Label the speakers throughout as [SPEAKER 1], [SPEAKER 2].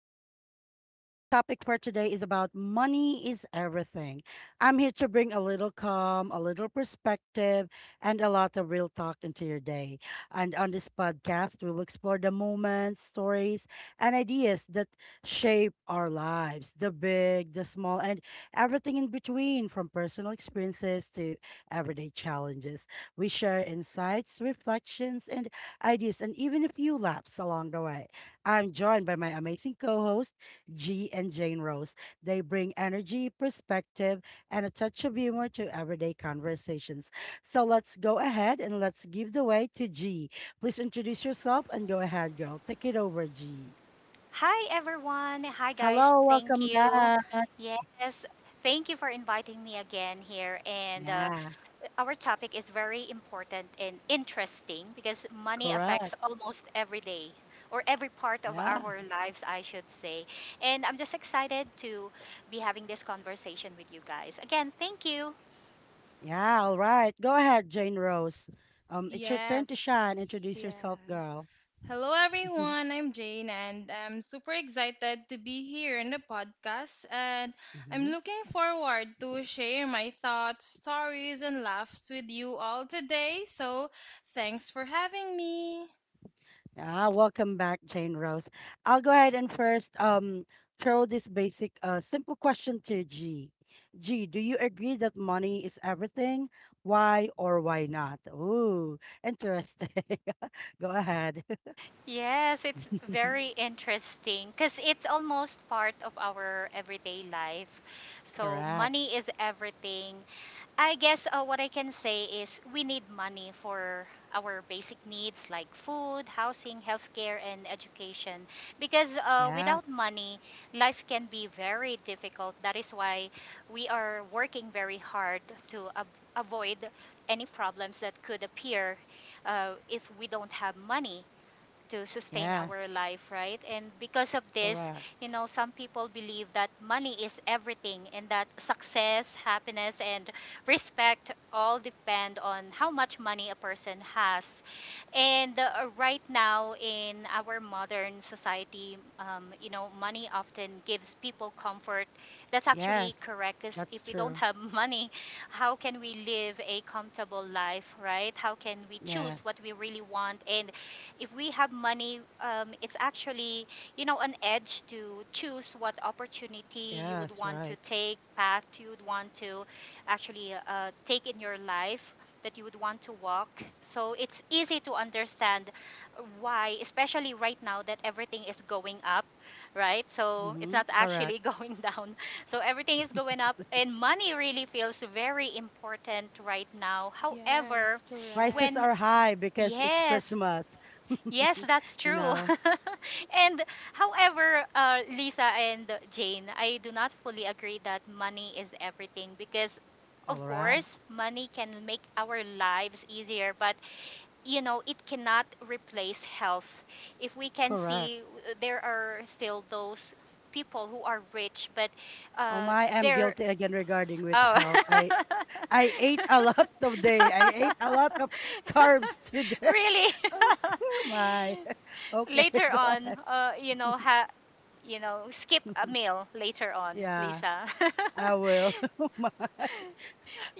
[SPEAKER 1] with Lisa. Our topic for today is about money is everything. I'm here to bring a little calm, a little perspective, and a lot of real talk into your day. And on this podcast, we'll explore the moments, stories, and ideas that shape our lives the big, the small, and everything in between, from personal experiences to everyday challenges. We share insights, reflections, and ideas, and even a few laughs along the way. I'm joined by my amazing co hosts, G and Jane Rose. They bring energy, perspective, and a touch of humor to everyday conversations. So let's go ahead and let's give the way to G. Please introduce yourself and go ahead, girl. Take it over, G.
[SPEAKER 2] Hi everyone. Hi guys.
[SPEAKER 1] Hello,
[SPEAKER 2] Thank
[SPEAKER 1] welcome
[SPEAKER 2] you.
[SPEAKER 1] back.
[SPEAKER 2] Yes, thank you for inviting me again here. And
[SPEAKER 1] Yeah,
[SPEAKER 2] our topic is very important and interesting because money
[SPEAKER 1] correct.
[SPEAKER 2] affects almost every day or every part of
[SPEAKER 1] Yeah.
[SPEAKER 2] our lives, I should say. And I'm just excited to be having this conversation with you guys. Again, thank you.
[SPEAKER 1] Yeah, all right. Go ahead, Jane Rose. It's your turn to shine.
[SPEAKER 3] Yes,
[SPEAKER 1] Introduce yourself,
[SPEAKER 3] yes.
[SPEAKER 1] girl.
[SPEAKER 3] Hello, everyone. I'm Jane, and I'm super excited to be here in the podcast. And I'm
[SPEAKER 1] Mhm.
[SPEAKER 3] looking forward to share my thoughts, stories, and laughs with you all today. So, thanks for having me.
[SPEAKER 1] Yeah, welcome back, Jane Rose. I'll go ahead and first throw this basic simple question to G. G, do you agree that money is everything? Why or why not? Ooh, interesting. Go ahead.
[SPEAKER 2] Yes, it's very interesting because it's almost part of our everyday life. So,
[SPEAKER 1] Correct.
[SPEAKER 2] money is everything. I guess what I can say is we need money for our basic needs like food, housing, healthcare, and education. Because without
[SPEAKER 1] Yes.
[SPEAKER 2] money, life can be very difficult. That is why we are working very hard to avoid any problems that could appear if we don't have money to sustain our
[SPEAKER 1] Yes.
[SPEAKER 2] life, right? And because of this,
[SPEAKER 1] Correct.
[SPEAKER 2] you know, some people believe that money is everything and that success, happiness, and respect all depend on how much money a person has. And right now in our modern society, you know, money often gives people comfort. That's actually
[SPEAKER 1] Yes.
[SPEAKER 2] correct because
[SPEAKER 1] That's
[SPEAKER 2] if we don't
[SPEAKER 1] true.
[SPEAKER 2] have money, how can we live a comfortable life, right? How can we choose what
[SPEAKER 1] Yes.
[SPEAKER 2] we really want? And if we have money, it's actually, you know, an edge to choose what opportunity you would
[SPEAKER 1] Yes,
[SPEAKER 2] want to
[SPEAKER 1] right.
[SPEAKER 2] take, path you would want to actually take in your life that you would want to walk. So it's easy to understand why, especially right now that everything is going up, right? So it's
[SPEAKER 1] Mm-hmm.
[SPEAKER 2] not
[SPEAKER 1] Correct.
[SPEAKER 2] actually going down. So everything is going up, and money really feels very important right now. However,
[SPEAKER 3] Yes,
[SPEAKER 1] Prices
[SPEAKER 3] correct.
[SPEAKER 2] when
[SPEAKER 1] are high because it's
[SPEAKER 2] yes.
[SPEAKER 1] Christmas.
[SPEAKER 2] Yes, that's
[SPEAKER 1] You
[SPEAKER 2] true.
[SPEAKER 1] know,
[SPEAKER 2] And however, Lisa and Jane, I do not fully agree that money is everything because, of
[SPEAKER 1] all right.
[SPEAKER 2] course, money can make our lives easier, but, you know, it cannot replace health. If we can
[SPEAKER 1] Correct.
[SPEAKER 2] see, there are still those people who are rich, but
[SPEAKER 1] Oh
[SPEAKER 2] uh,
[SPEAKER 1] my, I'm
[SPEAKER 2] they're.
[SPEAKER 1] guilty again regarding with health. I
[SPEAKER 2] Oh.
[SPEAKER 1] I ate a lot today. I ate a lot of carbs today.
[SPEAKER 2] Really?
[SPEAKER 1] Oh come my. Okay,
[SPEAKER 2] Later
[SPEAKER 1] go
[SPEAKER 2] on,
[SPEAKER 1] ahead.
[SPEAKER 2] skip a meal later on,
[SPEAKER 1] Yeah,
[SPEAKER 2] Lisa.
[SPEAKER 1] I will. Oh my.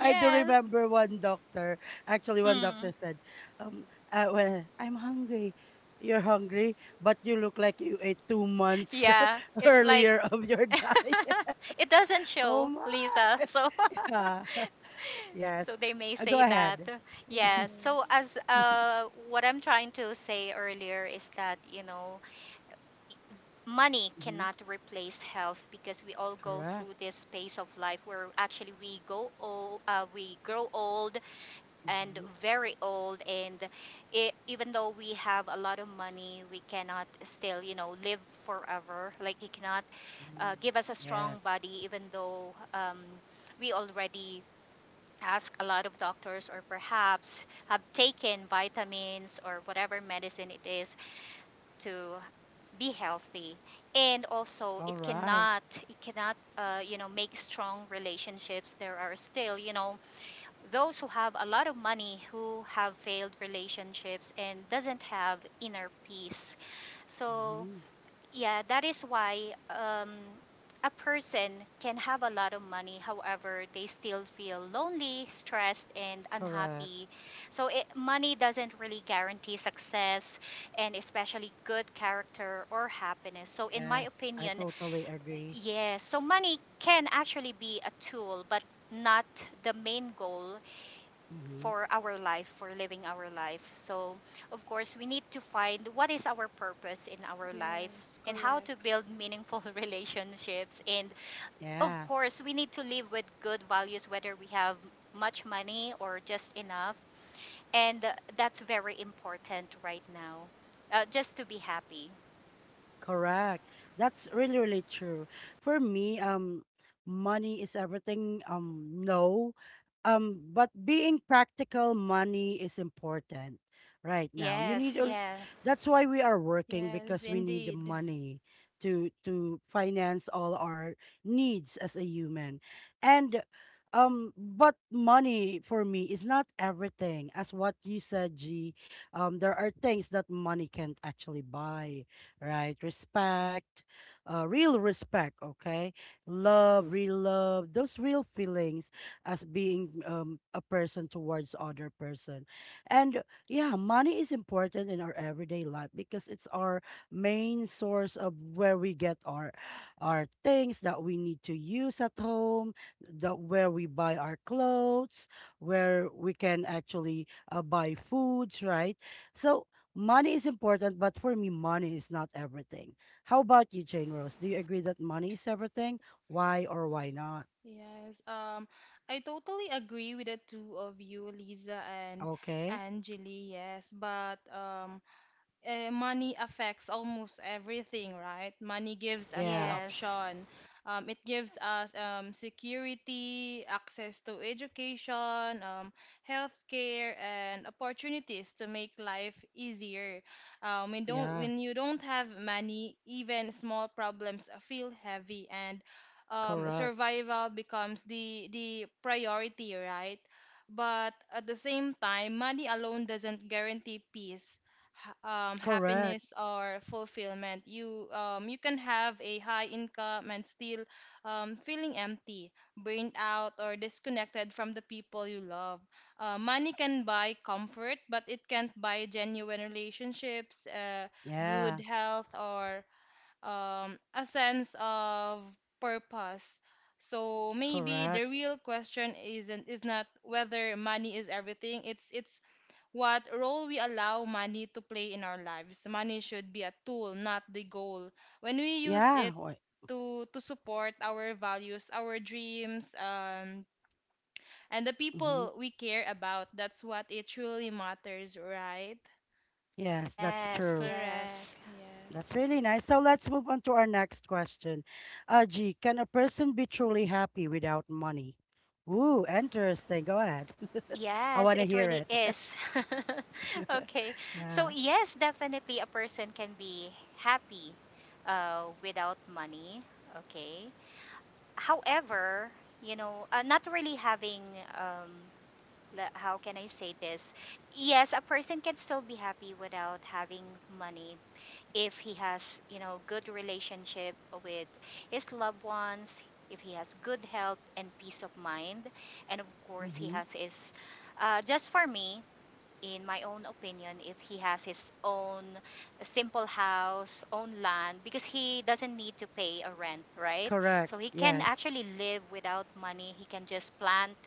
[SPEAKER 1] I do remember one doctor. Actually, one
[SPEAKER 2] Mm.
[SPEAKER 1] doctor said, um, when I'm hungry, you're hungry, but you look like you ate 2 months
[SPEAKER 2] Yeah. It's like
[SPEAKER 1] earlier of your diet.
[SPEAKER 2] it doesn't
[SPEAKER 1] Oh
[SPEAKER 2] show, Lisa.
[SPEAKER 1] my.
[SPEAKER 2] So
[SPEAKER 1] Yeah.
[SPEAKER 2] so
[SPEAKER 1] Yes.
[SPEAKER 2] they may
[SPEAKER 1] Go
[SPEAKER 2] say that.
[SPEAKER 1] ahead.
[SPEAKER 2] Yeah. So
[SPEAKER 3] Yes,
[SPEAKER 2] as what I'm trying to say earlier is that, you know, money
[SPEAKER 1] Mhm.
[SPEAKER 2] cannot replace health because we all go
[SPEAKER 1] Correct.
[SPEAKER 2] through this phase of life where actually we grow old, and
[SPEAKER 1] Mhm.
[SPEAKER 2] very old. And I even though we have a lot of money, we cannot still, you know, live forever. Like, he cannot
[SPEAKER 1] Mhm.
[SPEAKER 2] give us a strong
[SPEAKER 1] Yes.
[SPEAKER 2] body even though we already ask a lot of doctors or perhaps have taken vitamins or whatever medicine it is to be healthy. And also,
[SPEAKER 1] All
[SPEAKER 2] it
[SPEAKER 1] right.
[SPEAKER 2] cannot, you know, make strong relationships. There are still, you know, those who have a lot of money who have failed relationships and doesn't have inner peace. So,
[SPEAKER 1] Mhm.
[SPEAKER 2] yeah, that is why um, a person can have a lot of money, however they still feel lonely, stressed and
[SPEAKER 1] Correct.
[SPEAKER 2] unhappy. So, money doesn't really guarantee success, and especially good character or happiness. So in my
[SPEAKER 1] Yes. I
[SPEAKER 2] opinion,
[SPEAKER 1] totally agree.
[SPEAKER 2] yes, so money can actually be a tool, but not the main goal
[SPEAKER 1] Mhm.
[SPEAKER 2] for our life, for living our life. So, of course, we need to find what is our purpose in our life
[SPEAKER 3] yes,
[SPEAKER 2] and how to
[SPEAKER 3] correct.
[SPEAKER 2] build meaningful relationships. And of
[SPEAKER 1] Yeah.
[SPEAKER 2] course, we need to live with good values, whether we have much money or just enough. And that's very important right now, just to be happy.
[SPEAKER 1] Correct. That's really, really true. For me, money is everything. No, but being practical, money is important right now. You
[SPEAKER 2] Yes,
[SPEAKER 1] need, or
[SPEAKER 2] yeah,
[SPEAKER 1] that's why we are working
[SPEAKER 3] Yes,
[SPEAKER 1] because we need the
[SPEAKER 3] indeed.
[SPEAKER 1] money to finance all our needs as a human, and but money for me is not everything. As what you said, G, there are things that money can't actually buy, right? Respect, real respect, okay? Love, real love, those real feelings as being a person towards other person. And yeah, money is important in our everyday life because it's our main source of where we get our things that we need to use at home, that where we buy our clothes, where we can actually buy foods, right? So money is important, but for me, money is not everything. How about you, Jane Rose? Do you agree that money is everything? Why or why not?
[SPEAKER 3] Yes, I totally agree with the two of you, Lisa and
[SPEAKER 1] Okay.
[SPEAKER 3] Angeli. Yes, but money affects almost everything, right? Money gives us the
[SPEAKER 1] Yeah.
[SPEAKER 2] yes,
[SPEAKER 3] option. It gives us security, access to education, healthcare, and opportunities to make life easier. Um, when don't
[SPEAKER 1] Yeah.
[SPEAKER 3] when you don't have money, even small problems feel heavy, and
[SPEAKER 1] Correct.
[SPEAKER 3] survival becomes the priority, right? But at the same time, money alone doesn't guarantee peace
[SPEAKER 1] Correct.
[SPEAKER 3] happiness or fulfillment. You can have a high income and still feeling empty, burned out, or disconnected from the people you love. Money can buy comfort, but it can't buy genuine relationships, good
[SPEAKER 1] Yeah.
[SPEAKER 3] health, or a sense of purpose. So maybe
[SPEAKER 1] Correct.
[SPEAKER 3] the real question isn't is not whether money is everything. It's what role we allow money to play in our lives. Money should be a tool, not the goal. When we use
[SPEAKER 1] Yeah.
[SPEAKER 3] it
[SPEAKER 1] Why?
[SPEAKER 3] to support our values, our dreams, and the
[SPEAKER 1] Hmm.
[SPEAKER 3] people we care about, that's what it truly matters, right?
[SPEAKER 1] Yes, that's
[SPEAKER 2] yes,
[SPEAKER 1] true.
[SPEAKER 3] Correct.
[SPEAKER 2] yes.
[SPEAKER 3] Yes.
[SPEAKER 1] That's really nice. So let's move on to our next question. G, can a person be truly happy without money? Ooh, interesting. Go ahead. I
[SPEAKER 2] Yes,
[SPEAKER 1] want to
[SPEAKER 2] it
[SPEAKER 1] hear
[SPEAKER 2] really
[SPEAKER 1] it.
[SPEAKER 2] is. Okay. So,
[SPEAKER 1] Yeah.
[SPEAKER 2] yes, definitely a person can be happy without money. Okay. However, you know, not really having, um, le- how can I say this? Yes, a person can still be happy without having money if he has, you know, good relationship with his loved ones, if he has good health and peace of mind, and of course, he
[SPEAKER 1] Mm-hmm.
[SPEAKER 2] has his, just for me, in my own opinion, if he has his own simple house, own land, because he doesn't need to pay a rent, right?
[SPEAKER 1] Correct.
[SPEAKER 2] So he can
[SPEAKER 1] Yes.
[SPEAKER 2] actually live without money. He can just plant,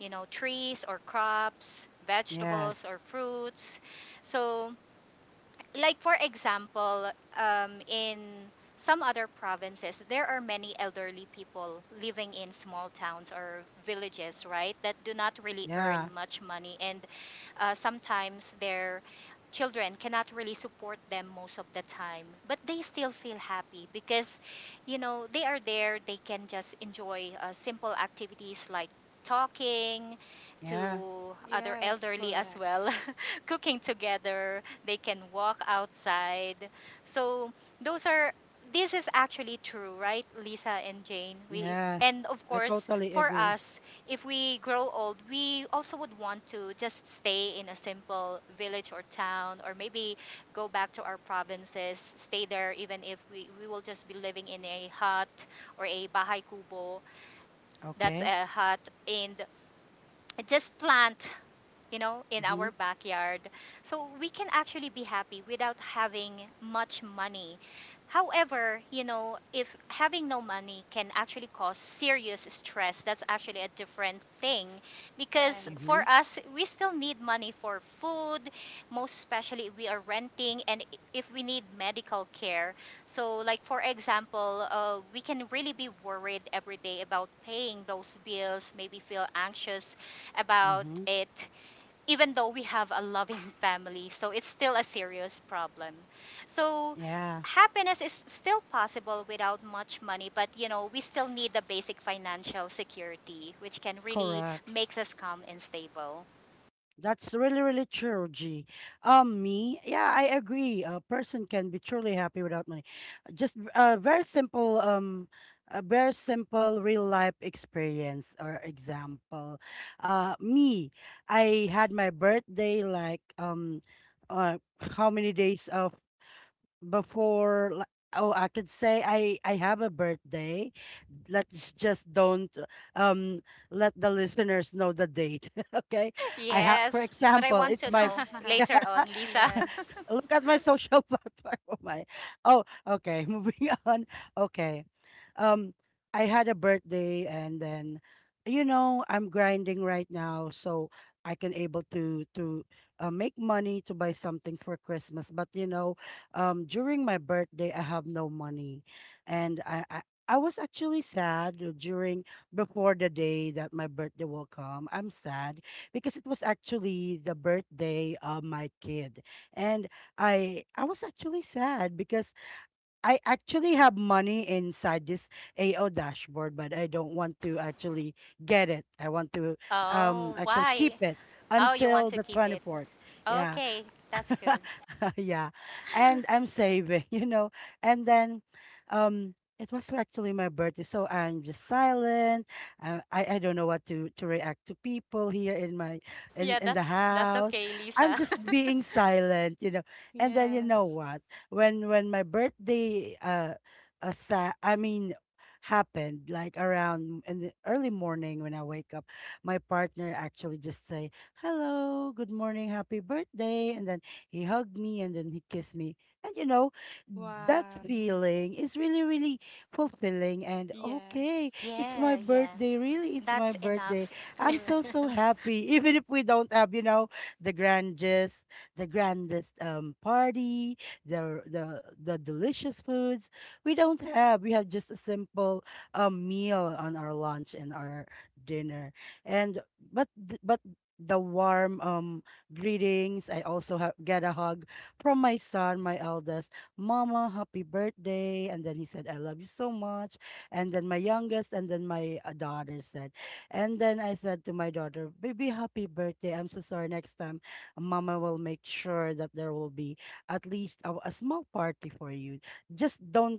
[SPEAKER 2] you know, trees or crops, vegetables
[SPEAKER 1] Yes.
[SPEAKER 2] or fruits. So, like for example, in some other provinces, there are many elderly people living in small towns or villages, right? That do not really earn
[SPEAKER 1] Yeah.
[SPEAKER 2] much money, and sometimes their children cannot really support them most of the time. But they still feel happy because, you know, they are there. They can just enjoy simple activities like talking
[SPEAKER 1] Yeah.
[SPEAKER 2] to other
[SPEAKER 3] Yes.
[SPEAKER 2] elderly as
[SPEAKER 3] Correct.
[SPEAKER 2] well, cooking together. They can walk outside. So those are this is actually true, right, Lisa and Jane? We
[SPEAKER 1] Yes.
[SPEAKER 2] And of
[SPEAKER 1] I
[SPEAKER 2] course,
[SPEAKER 1] totally
[SPEAKER 2] for
[SPEAKER 1] agree.
[SPEAKER 2] us, if we grow old, we also would want to just stay in a simple village or town, or maybe go back to our provinces, stay there even if we will just be living in a hut or a bahay kubo. That's
[SPEAKER 1] Okay.
[SPEAKER 2] a hut. And just plant, you know, in our
[SPEAKER 1] Mm-hmm.
[SPEAKER 2] backyard, so we can actually be happy without having much money. However, you know, if having no money can actually cause serious stress, that's actually a different thing, because
[SPEAKER 3] Correct.
[SPEAKER 1] Mm-hmm.
[SPEAKER 2] for us, we still need money for food, most especially if we are renting and if we need medical care. So, like for example, we can really be worried every day about paying those bills, maybe feel anxious about
[SPEAKER 1] Mm-hmm.
[SPEAKER 2] it, even though we have a loving family. So it's still a serious problem. So
[SPEAKER 1] Yeah.
[SPEAKER 2] happiness is still possible without much money, but, you know, we still need the basic financial security, which can really
[SPEAKER 1] Correct.
[SPEAKER 2] makes us calm and stable.
[SPEAKER 1] That's really, really true, G. Me, yeah, I agree. A person can be truly happy without money. Just a very simple real life experience or example. Me, I had my birthday like uh, how many days of before oh, I could say I have a birthday. Let's just don't um let the listeners know the date. Okay. I have, for
[SPEAKER 2] Yes, but I
[SPEAKER 1] example,
[SPEAKER 2] want
[SPEAKER 1] it's
[SPEAKER 2] to
[SPEAKER 1] my
[SPEAKER 2] know
[SPEAKER 1] yeah,
[SPEAKER 2] later on, Lisa.
[SPEAKER 3] yes.
[SPEAKER 1] look at my social platform. Oh my. Oh, okay. Moving on. Okay. Um i had a birthday, and then you know I'm grinding right now, so I can able to make money to buy something for Christmas. But during my birthday I have no money. And I was actually sad during before the day that my birthday will come. I'm sad because it was actually the birthday of my kid. And I was actually sad because I actually have money inside this AO dashboard, but I don't want to actually get it. I want to
[SPEAKER 2] Oh,
[SPEAKER 1] actually keep
[SPEAKER 2] why?
[SPEAKER 1] it
[SPEAKER 2] Oh, you want
[SPEAKER 1] until
[SPEAKER 2] to
[SPEAKER 1] the
[SPEAKER 2] keep it.
[SPEAKER 1] 24th. Yeah,
[SPEAKER 2] Okay, that's good.
[SPEAKER 1] yeah. And I'm saving. And then it was actually my birthday, so I'm just silent. I don't know what to react to people here in my
[SPEAKER 2] Yeah,
[SPEAKER 1] in the
[SPEAKER 2] that's
[SPEAKER 1] house.
[SPEAKER 2] okay,
[SPEAKER 1] I'm
[SPEAKER 2] Lisa.
[SPEAKER 1] just being silent. And then you know
[SPEAKER 3] Yes.
[SPEAKER 1] what? When my birthday I mean happened like around in the early morning when I wake up, my partner actually just say, hello, good morning, happy birthday. And then he hugged me, and then he kissed me. And that
[SPEAKER 3] Wow.
[SPEAKER 1] feeling is really, really fulfilling. And okay,
[SPEAKER 3] Yes.
[SPEAKER 1] it's my
[SPEAKER 2] Yeah, yeah.
[SPEAKER 1] birthday. Really, it's
[SPEAKER 2] That's
[SPEAKER 1] my birthday.
[SPEAKER 2] enough.
[SPEAKER 1] I'm so, so
[SPEAKER 3] Correct.
[SPEAKER 1] happy. Even if we don't have, the grandest, the grandest party, the delicious foods. We don't have. We have just a simple meal on our lunch and our dinner. And but the warm greetings. I also get a hug from my son, my eldest. Mama, happy birthday. And then he said, I love you so much. And then my youngest, and then my daughter said, and then I said to my daughter, Baby, happy birthday. I'm so sorry. Next time, Mama will make sure that there will be at least a small party for you. Just don't,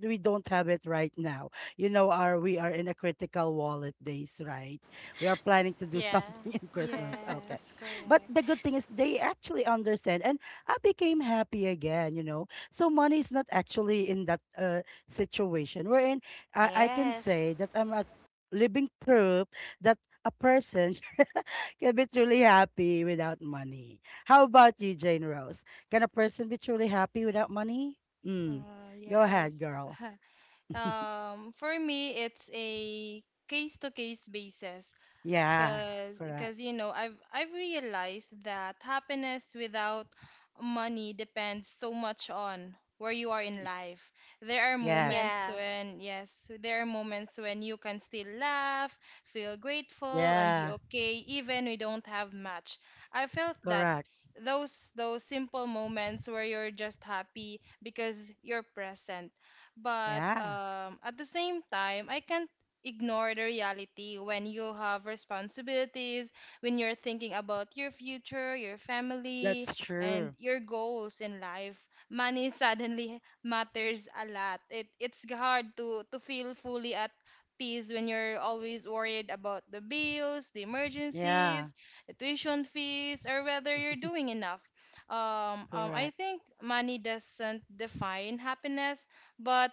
[SPEAKER 1] we don't have it right now. You know our We are in a critical wallet days, right? We are planning to do
[SPEAKER 2] Yeah.
[SPEAKER 1] something in Christmas. Okay.
[SPEAKER 3] Yes.
[SPEAKER 1] But the
[SPEAKER 3] Correct.
[SPEAKER 1] good thing is they actually understand, and I became happy again. You know, so money is not actually in that situation. Wherein I can
[SPEAKER 2] Yes.
[SPEAKER 1] say that I'm a living proof that a person can be truly happy without money. How about you, Jane Rose? Can a person be truly happy without money? Mm. Go ahead,
[SPEAKER 3] Yes.
[SPEAKER 1] girl.
[SPEAKER 3] For me, it's a case-to-case basis.
[SPEAKER 1] Yeah,
[SPEAKER 3] Cause,
[SPEAKER 1] correct.
[SPEAKER 3] cause you know, I've realized that happiness without money depends so much on where you are in
[SPEAKER 1] Y-
[SPEAKER 3] life. There are
[SPEAKER 1] Yes.
[SPEAKER 3] moments
[SPEAKER 2] Yeah.
[SPEAKER 3] when, yes, there are moments when you can still laugh, feel grateful, and be
[SPEAKER 1] Yeah,
[SPEAKER 3] okay, even we don't have much. I felt that
[SPEAKER 1] correct.
[SPEAKER 3] those simple moments where you're just happy because you're present. But
[SPEAKER 1] Yeah,
[SPEAKER 3] at the same time, I can't ignore the reality when you have responsibilities, when you're thinking about your future, your family,
[SPEAKER 1] that's
[SPEAKER 3] and
[SPEAKER 1] true.
[SPEAKER 3] your goals in life. Money suddenly matters a lot. It's hard to feel fully at peace when you're always worried about the bills, the
[SPEAKER 1] Yeah.
[SPEAKER 3] emergencies, the tuition fees, or whether you're doing enough. I
[SPEAKER 1] Correct.
[SPEAKER 3] think money doesn't define happiness, but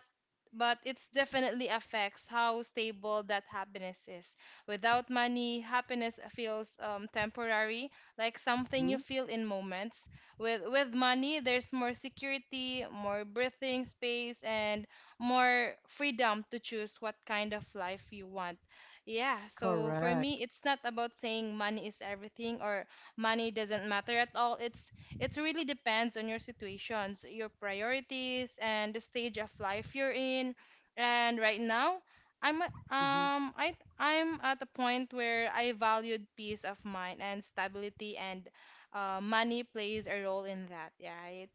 [SPEAKER 3] but it definitely affects how stable that happiness is. Without money, happiness feels temporary, like something you
[SPEAKER 1] Hmm.
[SPEAKER 3] feel in moments. With money, there's more security, more breathing space, and more freedom to choose what kind of life you want. Yeah, so for me,
[SPEAKER 1] Correct.
[SPEAKER 3] it's not about saying money is everything or money doesn't matter at all. It really depends on your situations, your priorities, and the stage of life you're in. And right now, I'm a-
[SPEAKER 1] Mm-hmm.
[SPEAKER 3] um I I'm at a point where I valued peace of mind and stability, and money plays a role in that, right?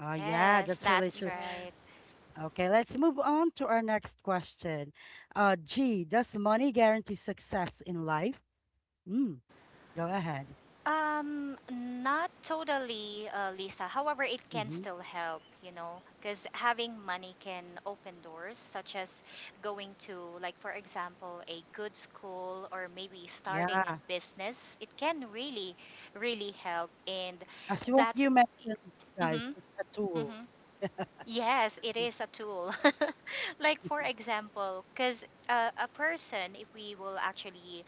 [SPEAKER 1] Yeah,
[SPEAKER 2] Yes,
[SPEAKER 1] that's really
[SPEAKER 2] that's
[SPEAKER 1] true.
[SPEAKER 2] right.
[SPEAKER 3] Yes.
[SPEAKER 1] Okay, let's move on to our next question. G, does money guarantee success in life? Mm, go ahead.
[SPEAKER 2] Not totally, Lisa. However, it can
[SPEAKER 1] Mm-hmm.
[SPEAKER 2] still help, you know, because having money can open doors, such as going to, like, for example, a good school or maybe starting
[SPEAKER 1] Yeah,
[SPEAKER 2] a business. It can really, really help. And
[SPEAKER 1] as what
[SPEAKER 2] that,
[SPEAKER 1] you mentioned, guys,
[SPEAKER 2] mm-hmm,
[SPEAKER 1] it's a tool.
[SPEAKER 2] mm-hmm. Yes, it is a tool. Like for example, because a person, if we will actually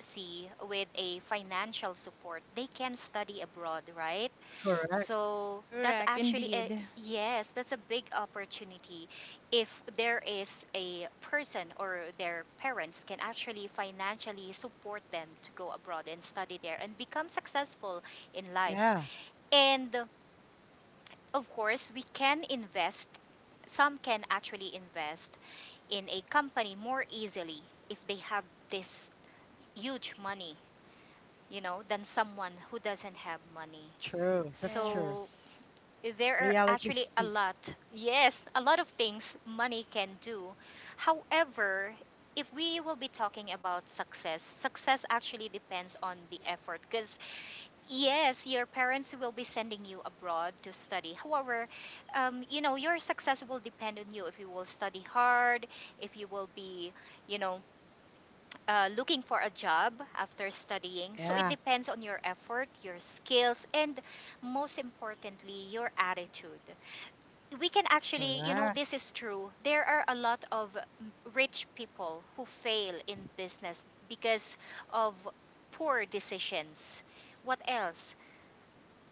[SPEAKER 2] see with a financial support, they can study abroad, right?
[SPEAKER 1] Correct.
[SPEAKER 2] So that's
[SPEAKER 3] Correct,
[SPEAKER 2] actually a
[SPEAKER 3] indeed.
[SPEAKER 2] yes, that's a big opportunity. If there is a person or their parents can actually financially support them to go abroad and study there and become successful in life.
[SPEAKER 1] Yeah,
[SPEAKER 2] And of course, we can invest, some can actually invest in a company more easily if they have this huge money, you know, than someone who doesn't have money.
[SPEAKER 1] true. That's true.
[SPEAKER 2] So
[SPEAKER 3] Yes.
[SPEAKER 2] there are
[SPEAKER 1] Reality
[SPEAKER 2] actually a
[SPEAKER 1] speaks.
[SPEAKER 2] lot, yes, a lot of things money can do. However, if we will be talking about success, success actually depends on the effort, because yes, your parents will be sending you abroad to study. However, you know, your success will depend on you, if you will study hard, if you will be, you know, looking for a job after studying. So it
[SPEAKER 1] Yeah,
[SPEAKER 2] depends on your effort, your skills, and most importantly, your attitude. We can actually, you know,
[SPEAKER 1] correct.
[SPEAKER 2] this is true. There are a lot of rich people who fail in business because of poor decisions. What else?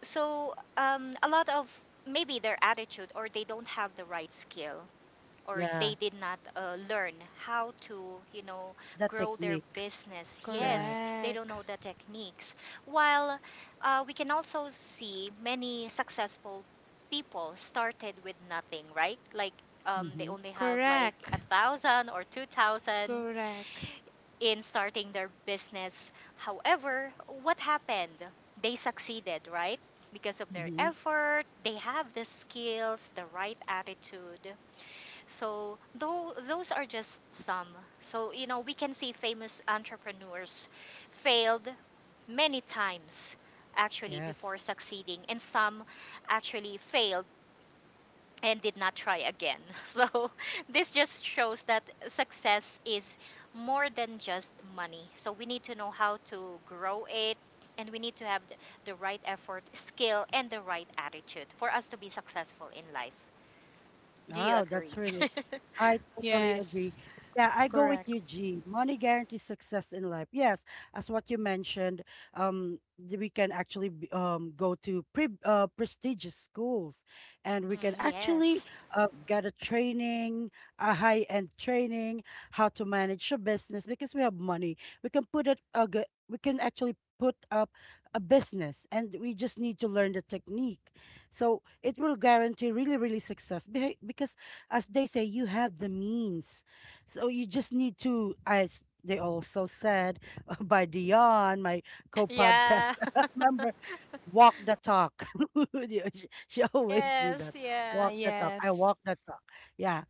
[SPEAKER 2] So a lot of, maybe their attitude, or they don't have the right skill, or
[SPEAKER 1] Yeah,
[SPEAKER 2] they did not learn how to, you know,
[SPEAKER 1] the
[SPEAKER 2] grow their
[SPEAKER 1] technique.
[SPEAKER 2] business.
[SPEAKER 1] Correct.
[SPEAKER 2] Yes, they don't
[SPEAKER 3] Correct.
[SPEAKER 2] know the techniques. While we can also see many successful people started with nothing, right? Like, they
[SPEAKER 1] Mm-hmm.
[SPEAKER 2] only have like
[SPEAKER 3] Correct.
[SPEAKER 2] 1,000 or 2,000
[SPEAKER 3] Correct.
[SPEAKER 2] in starting their business. However, what happened? They succeeded, right? Because of their
[SPEAKER 1] Mm-hmm.
[SPEAKER 2] effort, they have the skills, the right attitude. So, though those are just some. So, you know, we can see famous entrepreneurs failed many times actually before
[SPEAKER 1] Yes.
[SPEAKER 2] succeeding, and some actually failed and did not try again. So this just shows that success is more than just money. So we need to know how to grow it, and we need to have the right effort, skill and the right attitude for us to be successful in life. Do you
[SPEAKER 1] Wow,
[SPEAKER 2] agree?
[SPEAKER 1] that's really, I totally
[SPEAKER 3] Yes.
[SPEAKER 1] agree. Yeah, I go with
[SPEAKER 3] Correct.
[SPEAKER 1] you, G. Money guarantees success in life. Yes, as what you mentioned, we can actually go to prestigious schools, and we
[SPEAKER 2] Mm,
[SPEAKER 1] can actually
[SPEAKER 2] yes.
[SPEAKER 1] get a training, a high-end training, how to manage your business because we have money. We can actually put up a business, and we just need to learn the technique, so it will guarantee really, really success because, as they say, you have the means. So you just need to, as they also said by Dion, my co podcast
[SPEAKER 2] Yeah.
[SPEAKER 1] member, walk the talk. Yeah, she always do
[SPEAKER 2] Yes,
[SPEAKER 1] that.
[SPEAKER 2] yeah.
[SPEAKER 1] Walk the talk. I
[SPEAKER 3] Yes.
[SPEAKER 1] walk the talk. Yeah.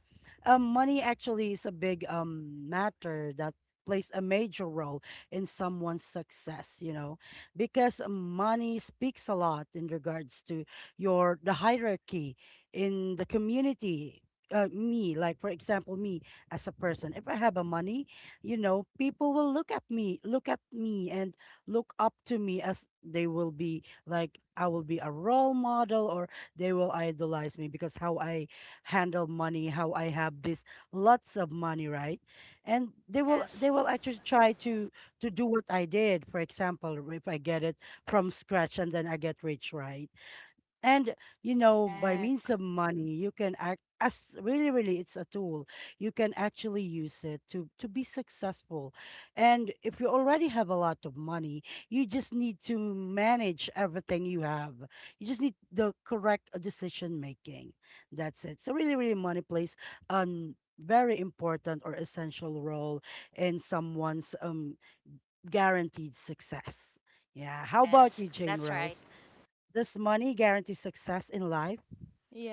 [SPEAKER 1] Money actually is a big matter that plays a major role in someone's success, because money speaks a lot in regards to your the hierarchy in the community. Me, like for example, me as a person, if I have a money, people will look at me, and look up to me as they will be like I will be a role model or they will idolize me because how I handle money, how I have this lots of money, right? And they will
[SPEAKER 2] Yes.
[SPEAKER 1] they will actually try to do what I did. For example, if I get it from scratch and then I get rich, right? And by means
[SPEAKER 3] Correct.
[SPEAKER 1] of money, you can act as really, really, it's a tool. You can actually use it to be successful. And if you already have a lot of money, you just need to manage everything you have. You just need the correct decision making. That's it. So really, really, money plays very important or essential role in someone's guaranteed success. Yeah. How about
[SPEAKER 2] Yes.
[SPEAKER 1] you, Jane
[SPEAKER 2] That's right.
[SPEAKER 1] Rose? Does money guarantee success in life?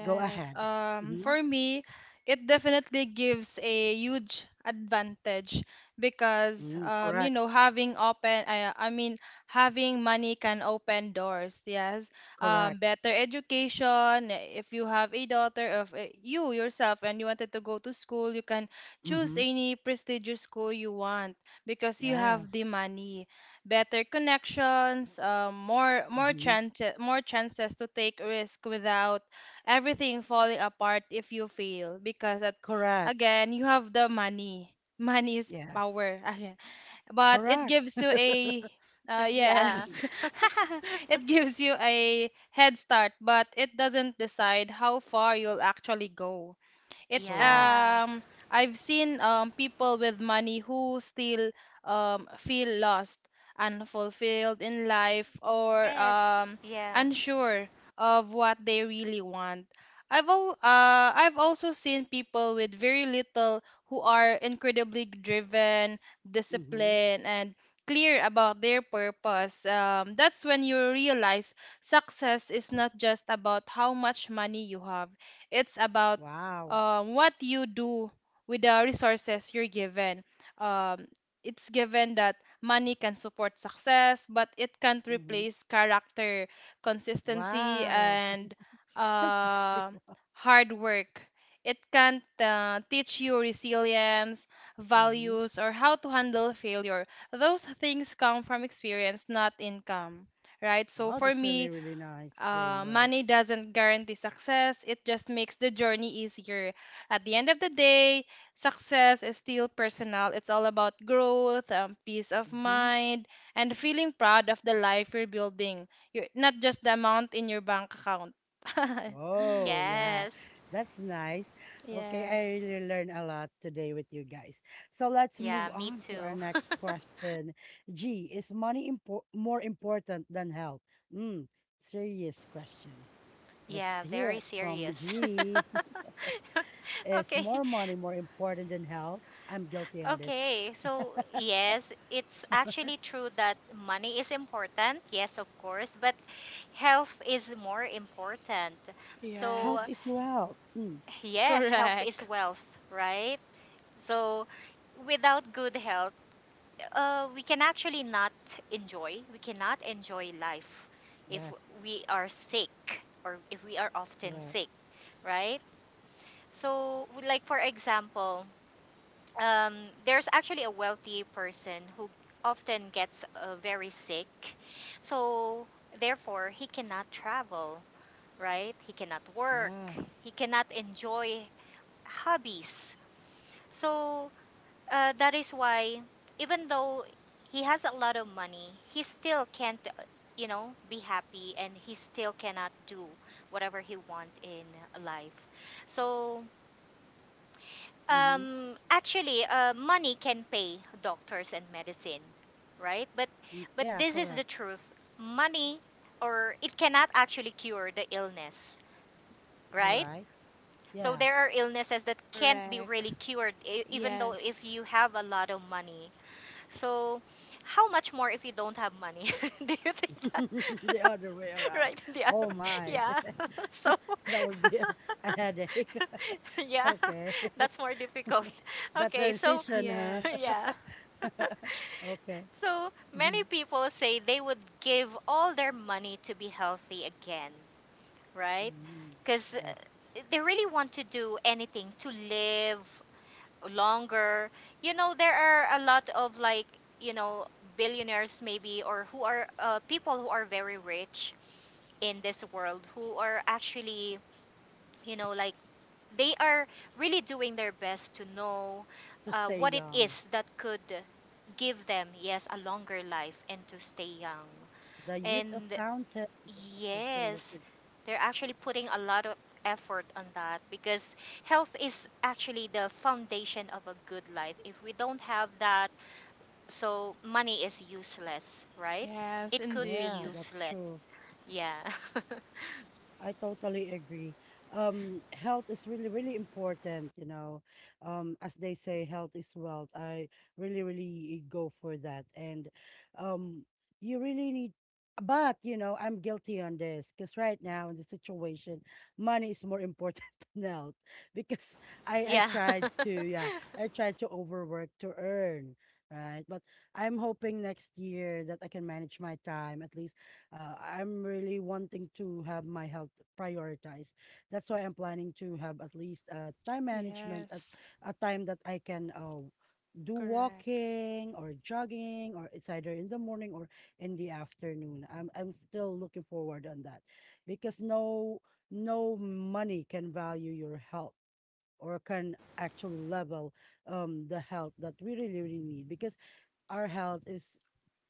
[SPEAKER 1] Go ahead. Mm-hmm.
[SPEAKER 3] For me, it definitely gives a huge advantage because
[SPEAKER 1] Mm-hmm.
[SPEAKER 3] you
[SPEAKER 1] Correct.
[SPEAKER 3] know, having open, I mean, having money can open doors. Yes.
[SPEAKER 1] Correct.
[SPEAKER 3] Better education. If you have a daughter of you yourself and you wanted to go to school, you can choose
[SPEAKER 1] Mm-hmm.
[SPEAKER 3] any prestigious school you want because you have the
[SPEAKER 1] Yes.
[SPEAKER 3] money. Better connections. Um, more more
[SPEAKER 1] Mm-hmm.
[SPEAKER 3] chance more chances to take risk without everything falling apart if you fail because
[SPEAKER 1] Correct.
[SPEAKER 3] again you have the money. money is
[SPEAKER 1] Yes.
[SPEAKER 3] power again, but it
[SPEAKER 1] Correct.
[SPEAKER 3] gives you a uh,
[SPEAKER 2] Yeah.
[SPEAKER 1] Mhm.
[SPEAKER 3] yes it gives you a head start, but it doesn't decide how far you'll actually go. it
[SPEAKER 1] Correct.
[SPEAKER 2] Yeah.
[SPEAKER 3] um I've seen um people with money who still feel lost, unfulfilled in life, or
[SPEAKER 2] Yes. Yeah.
[SPEAKER 3] unsure of what they really want. I've also seen people with very little who are incredibly driven,
[SPEAKER 1] Mm-hmm.
[SPEAKER 3] disciplined, and clear about their purpose. That's when you realize success is not just about how much money you have. It's about
[SPEAKER 1] Wow.
[SPEAKER 3] what you do with the resources you're given. Um, it's given that money can support success, but it can't
[SPEAKER 1] Mm-hmm.
[SPEAKER 3] replace character, consistency,
[SPEAKER 1] Wow. I
[SPEAKER 3] and
[SPEAKER 1] have to say,
[SPEAKER 3] uh,
[SPEAKER 1] wow.
[SPEAKER 3] hard work. It can't teach you resilience,
[SPEAKER 1] Mm-hmm.
[SPEAKER 3] values, or how to handle failure. Those things come from experience, not income, right? So
[SPEAKER 1] Wow,
[SPEAKER 3] for
[SPEAKER 1] that's really,
[SPEAKER 3] me,
[SPEAKER 1] really nice, Jane Rose.
[SPEAKER 3] money doesn't guarantee success, it just makes the journey easier. At the end of the day, success is still personal. It's all about growth, peace of
[SPEAKER 1] Mm-hmm.
[SPEAKER 3] mind, and feeling proud of the life you're building. You're, not just the amount in your bank account. right.
[SPEAKER 1] Oh, yeah.
[SPEAKER 2] Yes.
[SPEAKER 1] That's nice. Okay,
[SPEAKER 3] Yes.
[SPEAKER 1] I really learned a lot today with you guys. So let's
[SPEAKER 2] Yeah,
[SPEAKER 1] move
[SPEAKER 2] me
[SPEAKER 1] on to our
[SPEAKER 2] too.
[SPEAKER 1] next question. G, is money impor more important than health? Mm, serious question. Let's
[SPEAKER 2] Yeah,
[SPEAKER 1] hear
[SPEAKER 2] very
[SPEAKER 1] it from
[SPEAKER 2] serious.
[SPEAKER 1] G. Is
[SPEAKER 2] Okay.
[SPEAKER 1] more money more important than health? I'm guilty on this.
[SPEAKER 2] Okay. So, yes, it's actually true that money is important. Yes, of course, but health is more important. So,
[SPEAKER 1] Health is
[SPEAKER 3] Yes.
[SPEAKER 1] wealth. Mm,
[SPEAKER 2] yes, health is
[SPEAKER 3] Correct.
[SPEAKER 2] wealth, right? So, without good health, we can actually not enjoy. We cannot enjoy life if
[SPEAKER 1] yes,
[SPEAKER 2] we are sick or if we are often
[SPEAKER 1] correct.
[SPEAKER 2] sick, right? So, like for example, um, there's actually a wealthy person who often gets very sick. So, therefore, he cannot travel, right? He cannot work.
[SPEAKER 1] Yeah.
[SPEAKER 2] He cannot enjoy hobbies. So, that is why, even though he has a lot of money, he still can't, be happy and he still cannot do whatever he want in life. So,
[SPEAKER 1] Mm-hmm.
[SPEAKER 2] actually, money can pay doctors and medicine, right? But,
[SPEAKER 1] Mm,
[SPEAKER 2] but
[SPEAKER 1] yeah,
[SPEAKER 2] this is the
[SPEAKER 1] correct.
[SPEAKER 2] truth. Money, or it cannot actually cure the illness,
[SPEAKER 1] All
[SPEAKER 2] right?
[SPEAKER 1] right.
[SPEAKER 2] So
[SPEAKER 1] Yeah.
[SPEAKER 2] there are illnesses that can't be really
[SPEAKER 3] Correct.
[SPEAKER 2] cured, even though if
[SPEAKER 3] Yes.
[SPEAKER 2] you have a lot of money. So, how much more if you don't have money? Do you think that?
[SPEAKER 1] The other way around.
[SPEAKER 2] Right in the
[SPEAKER 1] Oh
[SPEAKER 2] other,
[SPEAKER 1] my.
[SPEAKER 2] yeah. So,
[SPEAKER 1] That would be a headache.
[SPEAKER 2] yeah,
[SPEAKER 1] Okay.
[SPEAKER 2] that's more difficult.
[SPEAKER 1] That
[SPEAKER 2] Okay, so
[SPEAKER 1] transition, huh?
[SPEAKER 3] Yes.
[SPEAKER 2] yeah.
[SPEAKER 1] Okay.
[SPEAKER 2] So
[SPEAKER 1] Mhm.
[SPEAKER 2] many people say they would give all their money to be healthy again, right?
[SPEAKER 1] Mm,
[SPEAKER 2] Because
[SPEAKER 1] yes.
[SPEAKER 2] they really want to do anything to live longer. There are a lot of like, you know, billionaires maybe or who are people who are very rich in this world who are actually, you know, like they are really doing their best to know
[SPEAKER 1] To stay
[SPEAKER 2] what it
[SPEAKER 1] young.
[SPEAKER 2] is that could give them, yes, a longer life and to stay young.
[SPEAKER 1] The youth of
[SPEAKER 2] And
[SPEAKER 1] fountain. They're actually still
[SPEAKER 2] yes,
[SPEAKER 1] looking.
[SPEAKER 2] they're actually putting a lot of effort on that because health is actually the foundation of a good life. If we don't have that, so money is useless, right?
[SPEAKER 3] Yes,
[SPEAKER 2] It could be
[SPEAKER 1] Yeah,
[SPEAKER 3] indeed.
[SPEAKER 1] that's
[SPEAKER 2] useless.
[SPEAKER 1] true.
[SPEAKER 2] Yeah.
[SPEAKER 1] I totally agree. Health is really, really important. As they say, health is wealth. I really, really go for that. And um, you really need, but, I'm guilty on this because right now in the situation, money is more important than health because I
[SPEAKER 2] yeah.
[SPEAKER 1] tried to, yeah, I tried to overwork to earn, right? But I'm hoping next year that I can manage my time at least I'm really wanting to have my health prioritized. That's why I'm planning to have at least a time management at
[SPEAKER 3] Yes.
[SPEAKER 1] a time that I can do
[SPEAKER 3] Correct.
[SPEAKER 1] walking or jogging, or it's either in the morning or in the afternoon. I'm still looking forward on that because no money can value your health or can actually level the health that we really really need because our health is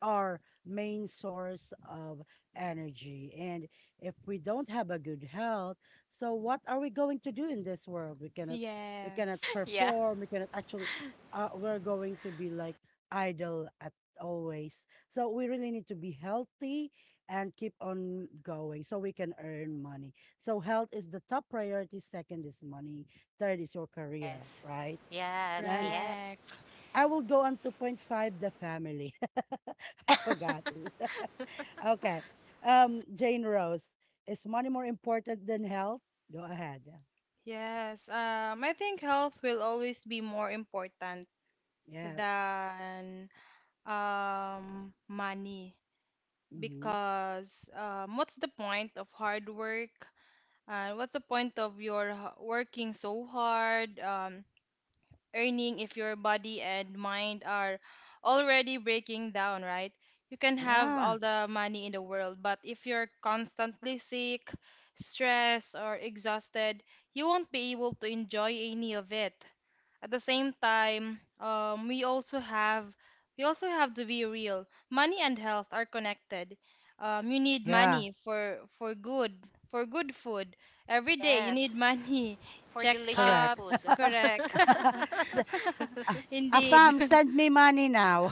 [SPEAKER 1] our main source of energy. And if we don't have a good health, so what are we going to do in this world? We cannot
[SPEAKER 3] Yes.
[SPEAKER 2] yeah.
[SPEAKER 1] perform, we cannot actually we're going to be like idle at always. So we really need to be healthy and keep on going so we can earn money. So health is the top priority, second is money, third is your career,
[SPEAKER 2] Yes.
[SPEAKER 1] right?
[SPEAKER 2] Yes,
[SPEAKER 1] And
[SPEAKER 2] yes.
[SPEAKER 3] Correct.
[SPEAKER 1] I will go on 2.5 the family. I
[SPEAKER 2] Yeah.
[SPEAKER 1] forgot it. Okay. Jane Rose, is money more important than health? Go ahead.
[SPEAKER 3] Yes. I think health will always be more important
[SPEAKER 1] Yes.
[SPEAKER 3] than money
[SPEAKER 1] Hmm.
[SPEAKER 3] because what's the point of hard work? What's the point of your working so hard? Earning if your body and mind are already breaking down, right? You can have
[SPEAKER 1] Yeah.
[SPEAKER 3] all the money in the world, but if you're constantly sick, stressed, or exhausted, you won't be able to enjoy any of it. At the same time, we also have to be real. Money and health are connected. You need
[SPEAKER 1] Yeah.
[SPEAKER 3] money for good food every day. You need
[SPEAKER 2] yes.
[SPEAKER 3] money
[SPEAKER 2] For delicious
[SPEAKER 1] Correct.
[SPEAKER 2] food.
[SPEAKER 3] checkups, correct.
[SPEAKER 1] S- uh,
[SPEAKER 3] Indeed.
[SPEAKER 1] Afam, send me money now.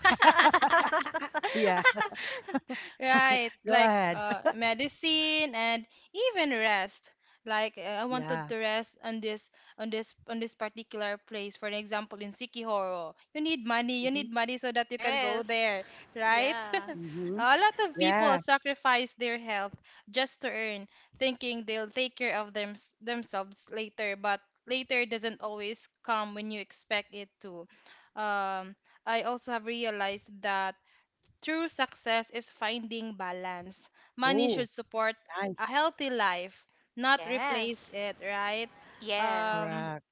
[SPEAKER 1] Yeah.
[SPEAKER 3] Right,
[SPEAKER 1] Go
[SPEAKER 3] like
[SPEAKER 1] ahead.
[SPEAKER 3] medicine and even rest. Like I wanted
[SPEAKER 1] Yeah.
[SPEAKER 3] to rest on this particular place. For example, in Sikihoro, you need money. You
[SPEAKER 1] Hmm.
[SPEAKER 3] need money so that you can go
[SPEAKER 2] yes.
[SPEAKER 3] there, right?
[SPEAKER 2] Yeah.
[SPEAKER 1] Hmm.
[SPEAKER 3] A lot of people
[SPEAKER 1] Yeah.
[SPEAKER 3] sacrifice their health just to earn, thinking they'll take care of themselves later. But later doesn't always come when you expect it to. Um, I also have realized that. True success is finding balance. Money
[SPEAKER 1] Oh,
[SPEAKER 3] should support a
[SPEAKER 1] nice.
[SPEAKER 3] healthy life, not replace
[SPEAKER 2] Yes.
[SPEAKER 3] it, right?
[SPEAKER 2] Yeah.
[SPEAKER 3] Um,
[SPEAKER 1] Correct.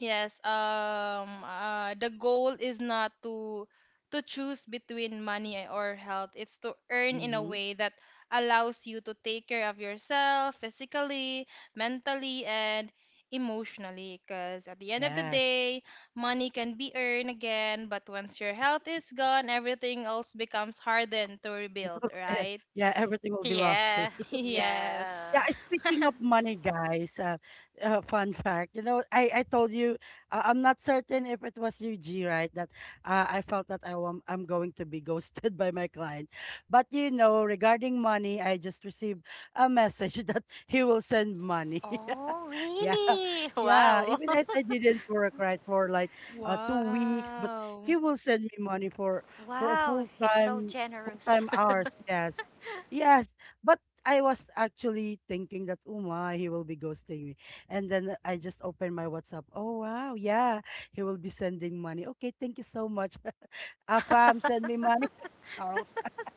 [SPEAKER 3] Yes, the goal is not to choose between money or health. It's to earn in a
[SPEAKER 1] Hmm.
[SPEAKER 3] way that allows you to take care of yourself physically, mentally, and emotionally. Because at the end of the
[SPEAKER 1] Yes.
[SPEAKER 3] day, money can be earned again, but once your health is gone, everything else becomes hardened to rebuild, right?
[SPEAKER 1] Yeah. Everything will be lost too.
[SPEAKER 2] Yeah.
[SPEAKER 3] Yes.
[SPEAKER 2] Yeah.
[SPEAKER 1] Yeah, speaking of money, guys, fun fact, I told you, I'm not certain if it was you, G, right? That I felt that I'm going to be ghosted by my client. But, regarding money, I just received a message that he will send money.
[SPEAKER 2] Oh,
[SPEAKER 1] Yeah,
[SPEAKER 2] really?
[SPEAKER 1] yeah.
[SPEAKER 2] Wow.
[SPEAKER 1] Even if I didn't work right for like 2 weeks, but he
[SPEAKER 3] Wow.
[SPEAKER 1] will send me money for for a
[SPEAKER 2] wow,
[SPEAKER 1] full
[SPEAKER 2] he's so
[SPEAKER 1] time full
[SPEAKER 2] generous.
[SPEAKER 1] time hours. Yes, yes. But I was actually thinking that, oh my, he will be ghosting me. And then I just opened my WhatsApp. Oh wow, yeah, he will be sending money. Okay, thank you so much. Afam, send me money. Charles.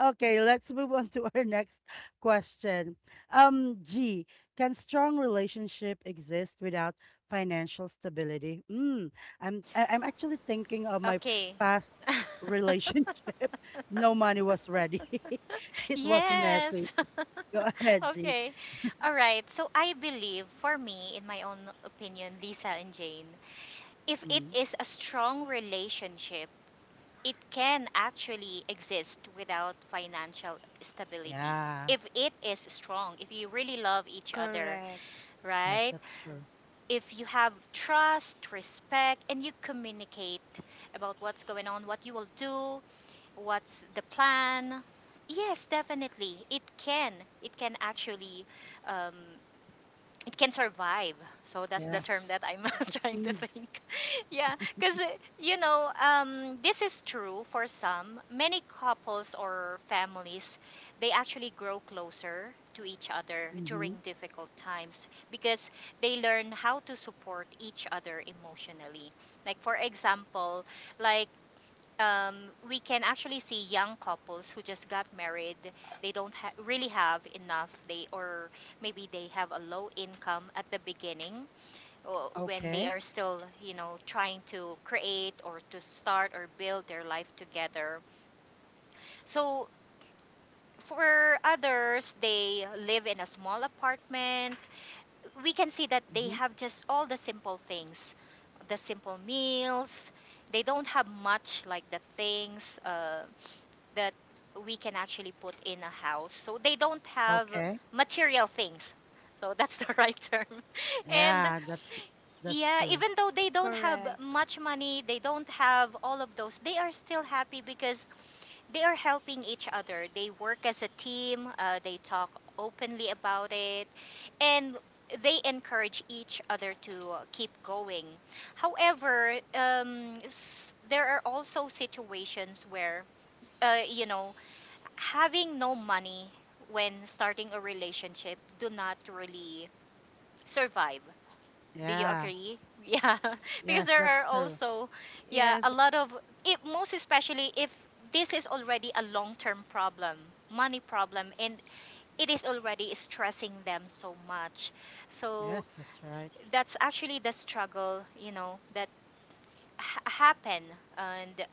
[SPEAKER 1] Okay, let's move on to our next question. G, can strong relationship exist without financial stability? I'm actually thinking of my
[SPEAKER 2] okay.
[SPEAKER 1] past relationship. No money was ready. It was messy.
[SPEAKER 2] yes.
[SPEAKER 1] Go ahead, G.
[SPEAKER 2] Okay. All right. So I believe, for me, in my own opinion, Lisa and Jane, if it
[SPEAKER 1] Mm.
[SPEAKER 2] is a strong relationship, it can actually exist without financial stability.
[SPEAKER 1] Yeah.
[SPEAKER 2] If it is strong, if you really love each other,
[SPEAKER 3] Correct.
[SPEAKER 1] Yes,
[SPEAKER 2] right?
[SPEAKER 1] that's true.
[SPEAKER 2] If you have trust, respect, and you communicate about what's going on, what you will do, what's the plan. Yes, definitely. It can. It can actually, um, it can survive. So that's the term
[SPEAKER 1] Yes.
[SPEAKER 2] that I'm
[SPEAKER 1] It
[SPEAKER 2] trying to
[SPEAKER 1] succeeds.
[SPEAKER 2] think. Yeah, because this is true for some. Many couples or families, they actually grow closer to each other during
[SPEAKER 1] Mm-hmm.
[SPEAKER 2] difficult times because they learn how to support each other emotionally. Like for example, like um, we can actually see young couples who just got married. They don't ha- Really have enough. They, or maybe they have a low income at the beginning, or when they
[SPEAKER 1] Okay.
[SPEAKER 2] are still, you know, trying to create or to start or build their life together. So for others, they live in a small apartment. We can see that they
[SPEAKER 1] Mm-hmm.
[SPEAKER 2] have just all the simple things, the simple meals. They don't have much like the things. That we can actually put in a house. So they don't have
[SPEAKER 1] Okay.
[SPEAKER 2] material things. So that's the right term. And
[SPEAKER 1] Yeah, that's
[SPEAKER 2] yeah,
[SPEAKER 1] true.
[SPEAKER 2] even though they don't have
[SPEAKER 3] Correct.
[SPEAKER 2] much money, they don't have all of those, they are still happy because they are helping each other. They work as a team. Uh, they talk openly about it, and they encourage each other to keep going. However, there are also situations where, you know, having no money when starting a relationship do not really survive. Do you
[SPEAKER 1] Yeah.
[SPEAKER 2] agree? Yeah, because
[SPEAKER 1] Yes,
[SPEAKER 2] there
[SPEAKER 1] that's
[SPEAKER 2] are
[SPEAKER 1] true.
[SPEAKER 2] also yeah, a
[SPEAKER 3] Yes,
[SPEAKER 2] lot of, if most especially if this is already a long-term problem, money problem, and it is already stressing them so much. So
[SPEAKER 1] Yes, that's right.
[SPEAKER 2] that's actually the struggle, you know, that happen, and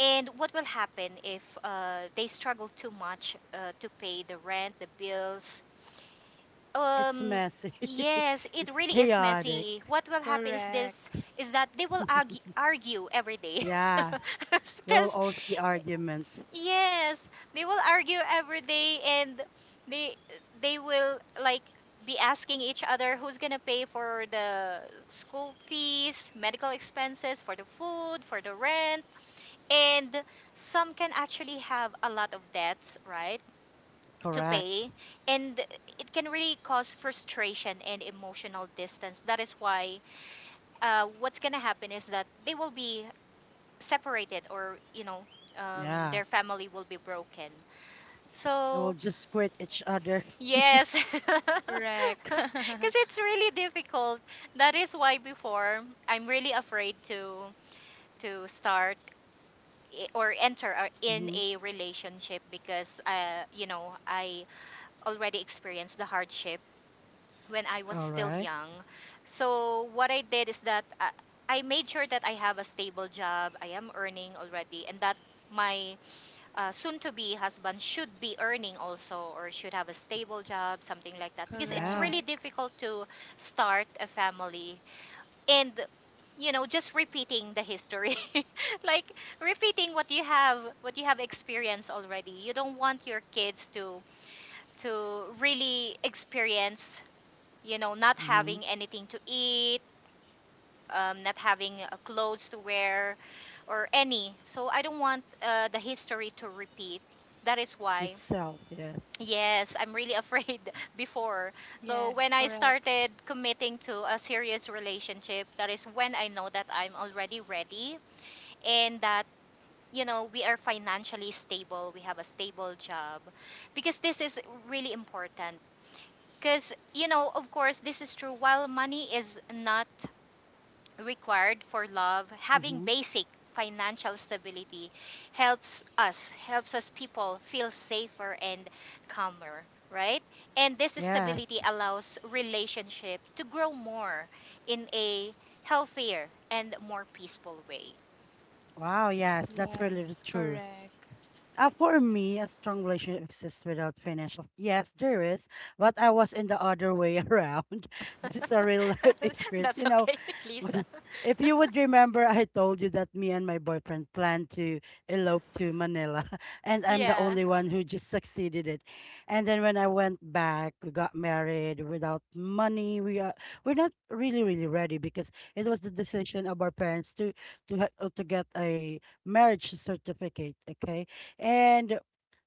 [SPEAKER 2] and what will happen if they struggle too much to pay the rent, the bills?
[SPEAKER 1] It's
[SPEAKER 2] Um,
[SPEAKER 1] messy.
[SPEAKER 2] yes, it
[SPEAKER 1] It's
[SPEAKER 2] really is
[SPEAKER 1] chaotic.
[SPEAKER 2] messy. What will happen is this:
[SPEAKER 3] correct.
[SPEAKER 2] is that they will argue, argue every day.
[SPEAKER 1] Yeah. There will
[SPEAKER 2] Because
[SPEAKER 1] always be arguments.
[SPEAKER 2] yes, they will argue every day, and they they will like be asking each other who's gonna pay for the school fees, medical expenses, for the food, for the rent, and some can actually have a lot of debts, right, to
[SPEAKER 1] Correct.
[SPEAKER 2] pay, and it can really cause frustration and emotional distance. That is why, what's gonna happen is that they will be separated, or you know,
[SPEAKER 1] Yeah.
[SPEAKER 2] their family will be broken.
[SPEAKER 1] They will
[SPEAKER 2] So
[SPEAKER 1] just quit each other.
[SPEAKER 2] yes, because
[SPEAKER 3] Correct.
[SPEAKER 2] it's really difficult. That is why before I'm really afraid to start or enter in
[SPEAKER 1] Mm-hmm.
[SPEAKER 2] a relationship because you know, I already experienced the hardship when I was
[SPEAKER 1] All
[SPEAKER 2] still
[SPEAKER 1] right.
[SPEAKER 2] young. So what I did is that I made sure that I have a stable job. I am earning already, and that my soon-to-be husband should be earning also, or should have a stable job, something like that. Because it's
[SPEAKER 1] Yeah.
[SPEAKER 2] really
[SPEAKER 3] Correct.
[SPEAKER 2] difficult to start a family, and you know, just repeating the history, like repeating what you have, what you have experienced already. You don't want your kids to really experience, you know, not
[SPEAKER 1] Mm-hmm.
[SPEAKER 2] having anything to eat, not having clothes to wear or any, so I don't want the history to repeat. That is why
[SPEAKER 1] Itself, yes.
[SPEAKER 2] yes, I'm really afraid before. So when
[SPEAKER 3] Yes,
[SPEAKER 2] I
[SPEAKER 3] correct.
[SPEAKER 2] started committing to a serious relationship, that is when I know that I'm already ready, and that you know we are financially stable, we have a stable job, because this is really important. Because you know, of course, this is true. While money is not required for love, having
[SPEAKER 1] Mm-hmm.
[SPEAKER 2] basic financial stability helps us people feel safer and calmer, right? And this stability
[SPEAKER 1] Yes.
[SPEAKER 2] allows relationship to grow more in a healthier and more peaceful way.
[SPEAKER 1] Wow, yes, that's really
[SPEAKER 3] Yes,
[SPEAKER 1] true.
[SPEAKER 3] correct.
[SPEAKER 1] For me, a strong relationship exists without financial. Yes, there is, but I was in the other way around. This is a real life experience.
[SPEAKER 2] That's okay, Lisa.
[SPEAKER 1] When- if you would remember, I told you that me and my boyfriend planned to elope to Manila, and I'm the
[SPEAKER 2] yeah.
[SPEAKER 1] only one who just succeeded it. And then when I went back, we got married without money. We're not really really ready because it was the decision of our parents to get a marriage certificate. Okay, and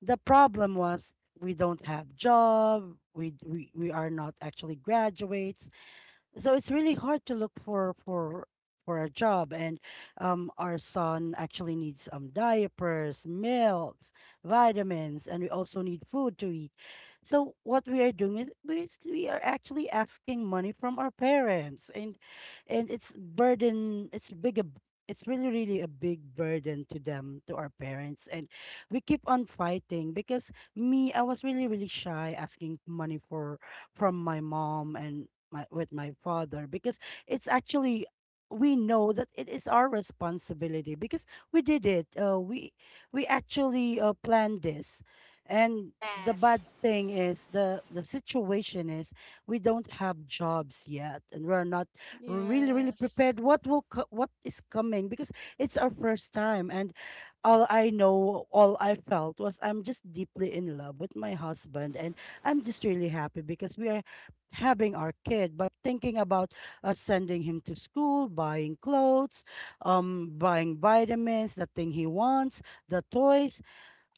[SPEAKER 1] the problem was we don't have job. We are not actually graduates, so it's really hard to look for for a job, and our son actually needs diapers, milks, vitamins, and we also need food to eat. So what we are doing is we are actually asking money from our parents, and it's burden, it's big, a b- it's really really a big burden to our parents, and we keep on fighting because me, I was really really shy asking money for from my mom and my with my father because it's actually, we know that it is our responsibility because we did it. We actually planned this, and the
[SPEAKER 2] Yes.
[SPEAKER 1] bad thing is, the situation is, we don't have jobs yet and we're not really really
[SPEAKER 3] Yes.
[SPEAKER 1] prepared what is coming because it's our first time, and all I felt was I'm just deeply in love with my husband, and I'm just really happy because we are having our kid, but thinking about us sending him to school, buying clothes, buying vitamins, the thing he wants, the toys.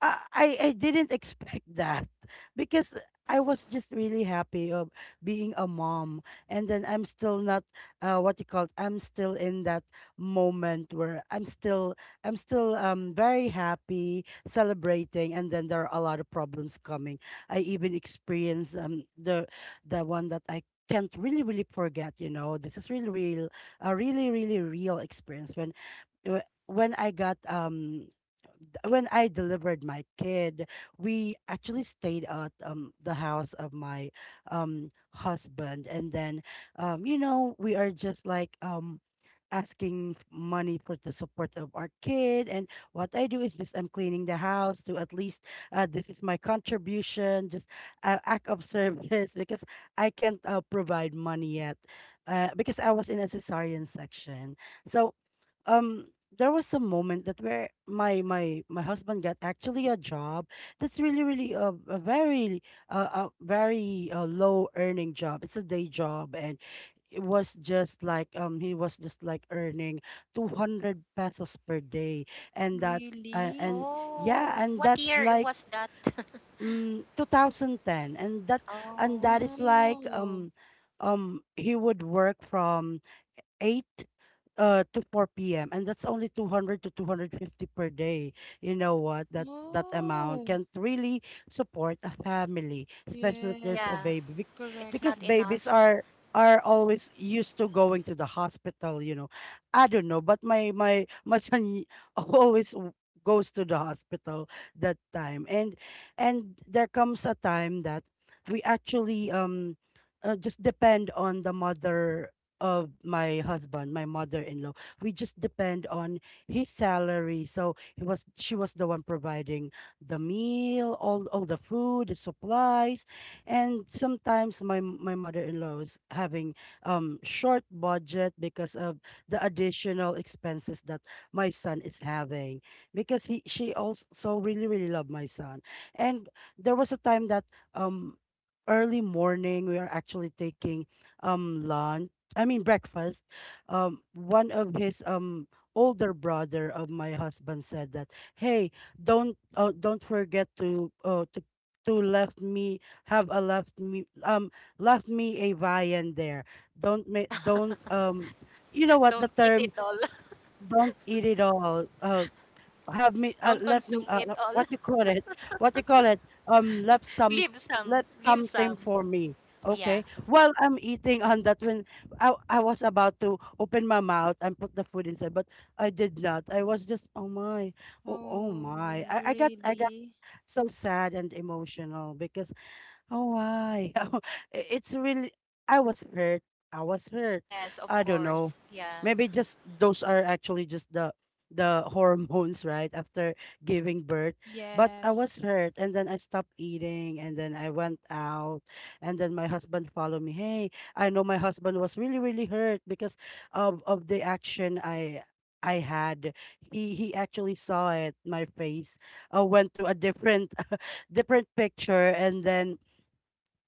[SPEAKER 1] I didn't expect that because I was just really happy of being a mom, and then I'm still not what you call it, I'm still in that moment where I'm still very happy celebrating, and then there are a lot of problems coming. I even experience the one that I can't really really forget. This is really real a really really real experience when wh- when I got when I delivered my kid. We actually stayed at the house of my husband, and then we are just like asking money for the support of our kid, and what I do is just, I'm cleaning the house to at least this is my contribution, just act of service because I can't provide money yet because I was in a cesarean section. So um there was a moment that where my husband got actually a job, that's really really a very low earning job. It's a day job, and it was just like he was just like earning 200 pesos per day, and that
[SPEAKER 3] Really?
[SPEAKER 1] and yeah,
[SPEAKER 2] Oh,
[SPEAKER 1] and
[SPEAKER 2] what
[SPEAKER 1] that's
[SPEAKER 2] year it
[SPEAKER 1] like
[SPEAKER 2] was that?
[SPEAKER 1] 2010, and that and
[SPEAKER 2] oh,
[SPEAKER 1] that is like
[SPEAKER 3] Oh.
[SPEAKER 1] he would work from 8 to 4 p.m. and that's only 200 to 250 per day. You know what? That amount
[SPEAKER 3] Oh.
[SPEAKER 1] can't really support a family, especially if there's a
[SPEAKER 2] yeah.
[SPEAKER 3] Yes.
[SPEAKER 1] baby,
[SPEAKER 2] It's
[SPEAKER 3] Correct.
[SPEAKER 1] because
[SPEAKER 2] not
[SPEAKER 1] babies
[SPEAKER 2] enough.
[SPEAKER 1] are are always used to going to the hospital. I don't know, but my son always goes to the hospital that time. And there comes a time that we actually just depend on the mother of my husband, my mother-in-law. We just depend on his salary. So he was, she was the one providing the meal, all the food, the supplies. And sometimes my mother-in-law is having short budget because of the additional expenses that my son is having, because he, she also really, really loved my son. And there was a time that um early morning we are actually taking lunch, I mean breakfast, one of his older brother of my husband said that, "Hey, don't forget to left me, have a left me, left me a viand there. Don't make don't you know what
[SPEAKER 2] Don't
[SPEAKER 1] the
[SPEAKER 2] eat it
[SPEAKER 1] term?
[SPEAKER 2] all.
[SPEAKER 1] Don't eat it all. Have me,
[SPEAKER 2] Don't consume it all.
[SPEAKER 1] what you call it what you call it um left some
[SPEAKER 2] Leave some.
[SPEAKER 1] left
[SPEAKER 2] Leave
[SPEAKER 1] something
[SPEAKER 2] some.
[SPEAKER 1] for me."
[SPEAKER 2] Yeah.
[SPEAKER 1] Okay, while I'm eating on that, when I was about to open my mouth and put the food inside, but I did not, I was just, oh my,
[SPEAKER 3] Oh,
[SPEAKER 1] I got
[SPEAKER 3] really?
[SPEAKER 1] so sad and emotional because. Oh, why? It's really, I was hurt. I was hurt.
[SPEAKER 2] Yes, of
[SPEAKER 1] I don't know.
[SPEAKER 2] course. Yeah.
[SPEAKER 1] Maybe just those are actually just the hormones, right? After giving birth. But I was
[SPEAKER 3] Yes.
[SPEAKER 1] hurt and then I stopped eating and then I went out and then my husband followed me. Hey, I know my husband was really, really hurt because of the action I had. He actually saw it, my face. Went to a different different picture, and then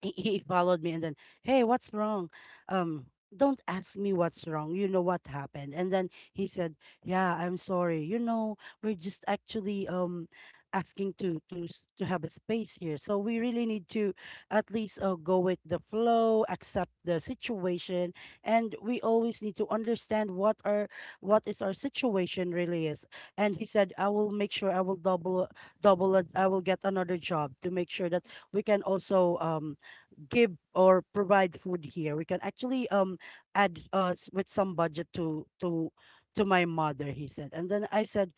[SPEAKER 1] he followed me and then, "Hey, what's wrong?" um "Don't ask me what's wrong. You know what happened." And then he said, "Yeah, I'm sorry, you know, we're just actually asking to have a space here, so we really need to at least go with the flow, accept the situation, and we always need to understand what our what is our situation really is." And he said, "I will make sure I will double it. I will get another job to make sure that we can also give or provide food here. We can actually add with some budget to my mother," he said. And then I said,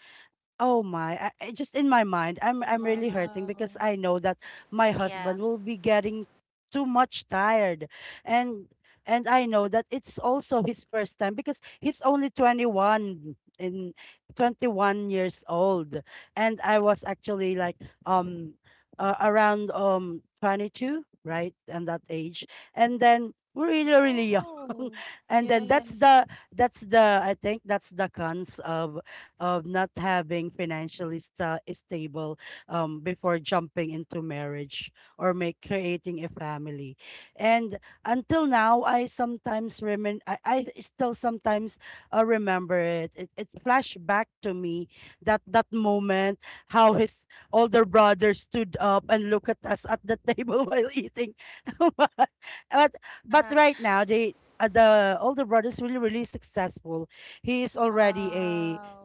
[SPEAKER 1] oh my, I just in my mind, I'm really hurting
[SPEAKER 3] Wow.
[SPEAKER 1] because I know that my
[SPEAKER 2] Yeah.
[SPEAKER 1] husband will be getting too much tired. And and I know that it's also his first time because he's only 21 years old. And I was actually like um around 22, right? And that age. And then we're really really young.
[SPEAKER 3] Oh.
[SPEAKER 1] And then that's
[SPEAKER 3] Yes.
[SPEAKER 1] the that's the I think that's the cons of not having financially stable, before jumping into marriage or make creating a family. And until now, I sometimes remin I still sometimes remember it. It flashed back to me that that moment, how his older brother stood up and looked at us at the table while eating. but but right now they the older brother is really really successful. He is already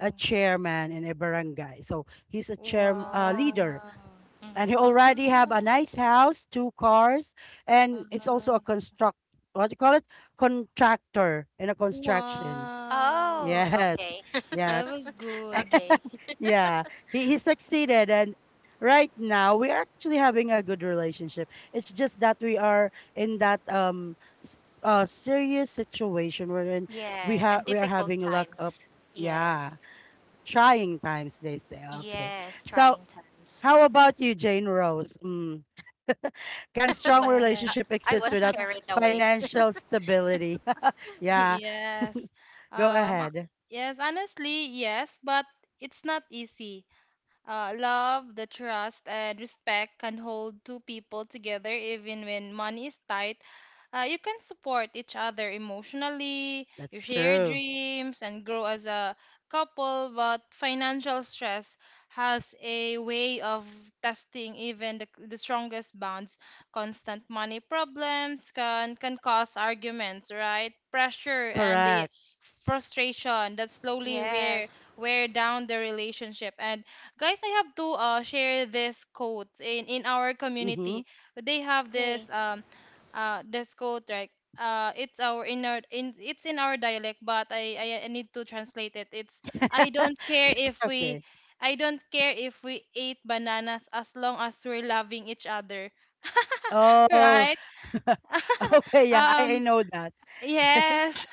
[SPEAKER 1] a chairman in a barangay. So he's a chair
[SPEAKER 2] Oh.
[SPEAKER 1] leader,
[SPEAKER 3] Wow.
[SPEAKER 2] Hmm.
[SPEAKER 1] and he
[SPEAKER 3] Ah,
[SPEAKER 1] already have a nice house, two cars, and it's also a
[SPEAKER 3] ah,
[SPEAKER 1] construct. What do you call it? Contractor in a construction.
[SPEAKER 2] Oh,
[SPEAKER 3] wow.
[SPEAKER 1] Yes,
[SPEAKER 2] okay.
[SPEAKER 3] That
[SPEAKER 1] yes,
[SPEAKER 3] was good.
[SPEAKER 2] okay.
[SPEAKER 1] yeah. He succeeded, and right now we're actually having a good relationship. It's just that we are in that s- serious situation wherein we
[SPEAKER 2] Yeah,
[SPEAKER 1] have
[SPEAKER 2] and
[SPEAKER 1] we are
[SPEAKER 2] difficult
[SPEAKER 1] having luck up.
[SPEAKER 2] times.
[SPEAKER 1] Yeah.
[SPEAKER 2] Yes.
[SPEAKER 1] Trying times, they say. Okay.
[SPEAKER 2] Yes,
[SPEAKER 1] So,
[SPEAKER 2] trying times.
[SPEAKER 1] how about you, Jane Rose? Mm. Can
[SPEAKER 2] I
[SPEAKER 1] strong relationship
[SPEAKER 3] Yes.
[SPEAKER 2] I
[SPEAKER 1] exist
[SPEAKER 2] was
[SPEAKER 1] without
[SPEAKER 2] carried away.
[SPEAKER 1] financial stability? Yeah.
[SPEAKER 3] Yes.
[SPEAKER 1] Go
[SPEAKER 3] Um, uh,
[SPEAKER 1] ahead.
[SPEAKER 3] yes, honestly, yes, but it's not easy. Love, the trust, and respect can hold two people together even when money is tight. You can support each other emotionally, you
[SPEAKER 1] That's
[SPEAKER 3] share
[SPEAKER 1] true.
[SPEAKER 3] dreams, and grow as a couple, but financial stress has a way of testing even the strongest bonds. Constant money problems can cause arguments, right? Pressure and the
[SPEAKER 1] Correct.
[SPEAKER 3] frustration that slowly
[SPEAKER 2] Yes.
[SPEAKER 3] wear down the relationship. And guys, I have to share this quote in our
[SPEAKER 1] Mm-hmm.
[SPEAKER 3] community. They have
[SPEAKER 2] Okay.
[SPEAKER 3] this this quote, right. It's our in It's in our dialect, but I need to translate it. It's I don't care if we
[SPEAKER 1] Okay.
[SPEAKER 3] I don't care if we ate bananas as long as we're loving each other.
[SPEAKER 1] Oh,
[SPEAKER 3] Right?
[SPEAKER 1] okay. Yeah, I
[SPEAKER 3] Um,
[SPEAKER 1] know that.
[SPEAKER 3] yes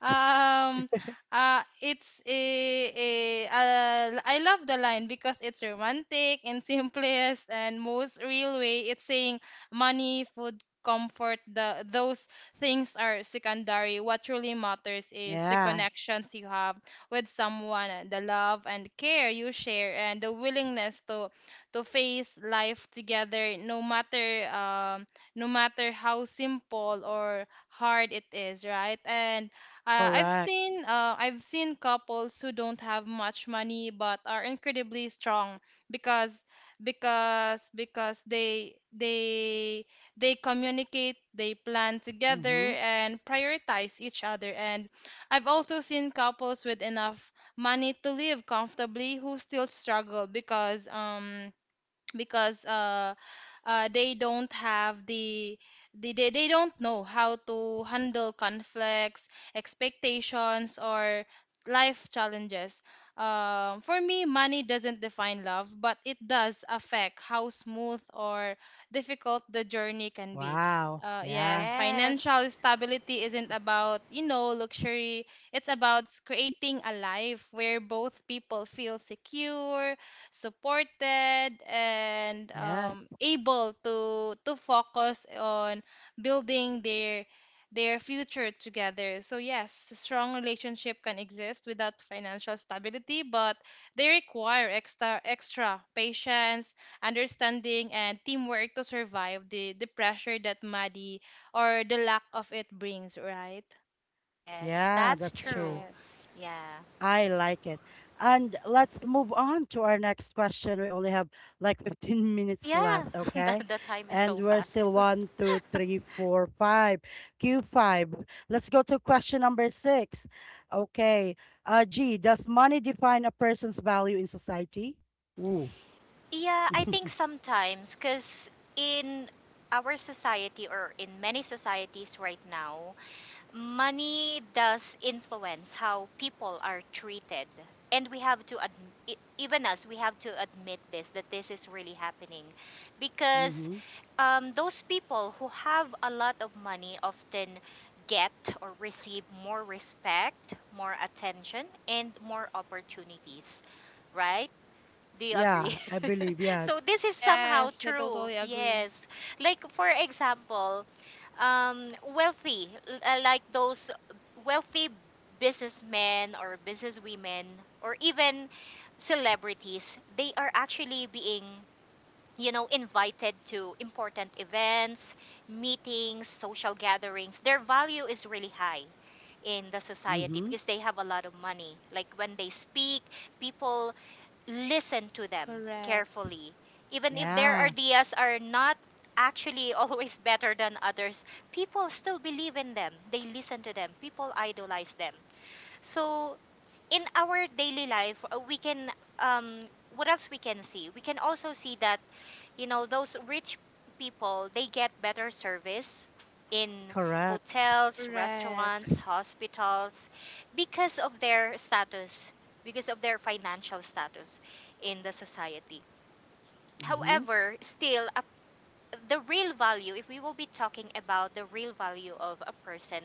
[SPEAKER 3] um it's a I love the line because it's romantic and simplest and most real way. It's saying money, food, comfort, the those things are secondary. What truly matters is the
[SPEAKER 1] Yeah,
[SPEAKER 3] connections you have with someone, and the love and care you share, and the willingness to face life together, no matter how simple or hard it is, right? And
[SPEAKER 1] correct.
[SPEAKER 3] I've seen couples who don't have much money but are incredibly strong because because they communicate, they plan together
[SPEAKER 1] Mm-hmm.
[SPEAKER 3] and prioritize each other. And I've also seen couples with enough money to live comfortably who still struggle because they don't have the they don't know how to handle conflicts expectations or life challenges. For me, money doesn't define love, but it does affect how smooth or difficult the journey can be.
[SPEAKER 1] Wow. Yeah.
[SPEAKER 3] Yes,
[SPEAKER 2] Yes.
[SPEAKER 3] financial stability isn't about you know luxury. It's creating a life where both people feel secure, supported, and
[SPEAKER 1] Yes.
[SPEAKER 3] able to focus on building their future together. So yes, a strong relationship can exist without financial stability, but they require extra patience, understanding, and teamwork to survive the pressure that money or the lack of it brings. Right?
[SPEAKER 2] Yes,
[SPEAKER 1] Yeah,
[SPEAKER 2] that's
[SPEAKER 1] that's
[SPEAKER 2] true.
[SPEAKER 1] true.
[SPEAKER 3] Yes.
[SPEAKER 2] Yeah.
[SPEAKER 1] I like it. And let's move on to our next question. We only have like 15
[SPEAKER 2] Oh
[SPEAKER 1] minutes
[SPEAKER 2] yeah,
[SPEAKER 1] left, okay?
[SPEAKER 2] the time is so
[SPEAKER 1] And we're
[SPEAKER 2] fast.
[SPEAKER 1] still one, two, three, four, five. Q5. Let's go to question number six. Okay. G, does money define a person's value in society? Ooh.
[SPEAKER 2] Yeah, I think sometimes because in our society or in many societies right now, money does influence how people are treated, and we have to even us, we have to admit this, that this is really happening because
[SPEAKER 1] Mm-hmm.
[SPEAKER 2] those people who have a lot of money often get or receive more respect, more attention, and more opportunities, right? Do you agree?
[SPEAKER 1] Yeah, I believe,
[SPEAKER 2] So
[SPEAKER 1] yes.
[SPEAKER 2] this is somehow
[SPEAKER 3] Yes, I
[SPEAKER 2] true.
[SPEAKER 3] totally agree.
[SPEAKER 2] Yes. Like for example, like those wealthy businessmen or businesswomen or even celebrities, they are actually being, you know, invited to important events, meetings, social gatherings. Their value is really high in the society
[SPEAKER 1] Mm-hmm.
[SPEAKER 2] because they have a lot of money. Like when they speak, people listen to them
[SPEAKER 3] Correct.
[SPEAKER 2] carefully. Even if their
[SPEAKER 1] Yeah,
[SPEAKER 2] ideas are not actually always better than others, people still believe in them. They listen to them. People idolize them. So in our daily life, we can, um, what else we can see? We can also see that you know those rich people they get better service in
[SPEAKER 1] correct.
[SPEAKER 2] hotels,
[SPEAKER 3] Correct.
[SPEAKER 2] restaurants, hospitals because of their status, because of their financial status in the society.
[SPEAKER 1] Mm-hmm.
[SPEAKER 2] However, still a, the real value, if we will be talking about the real value of a person,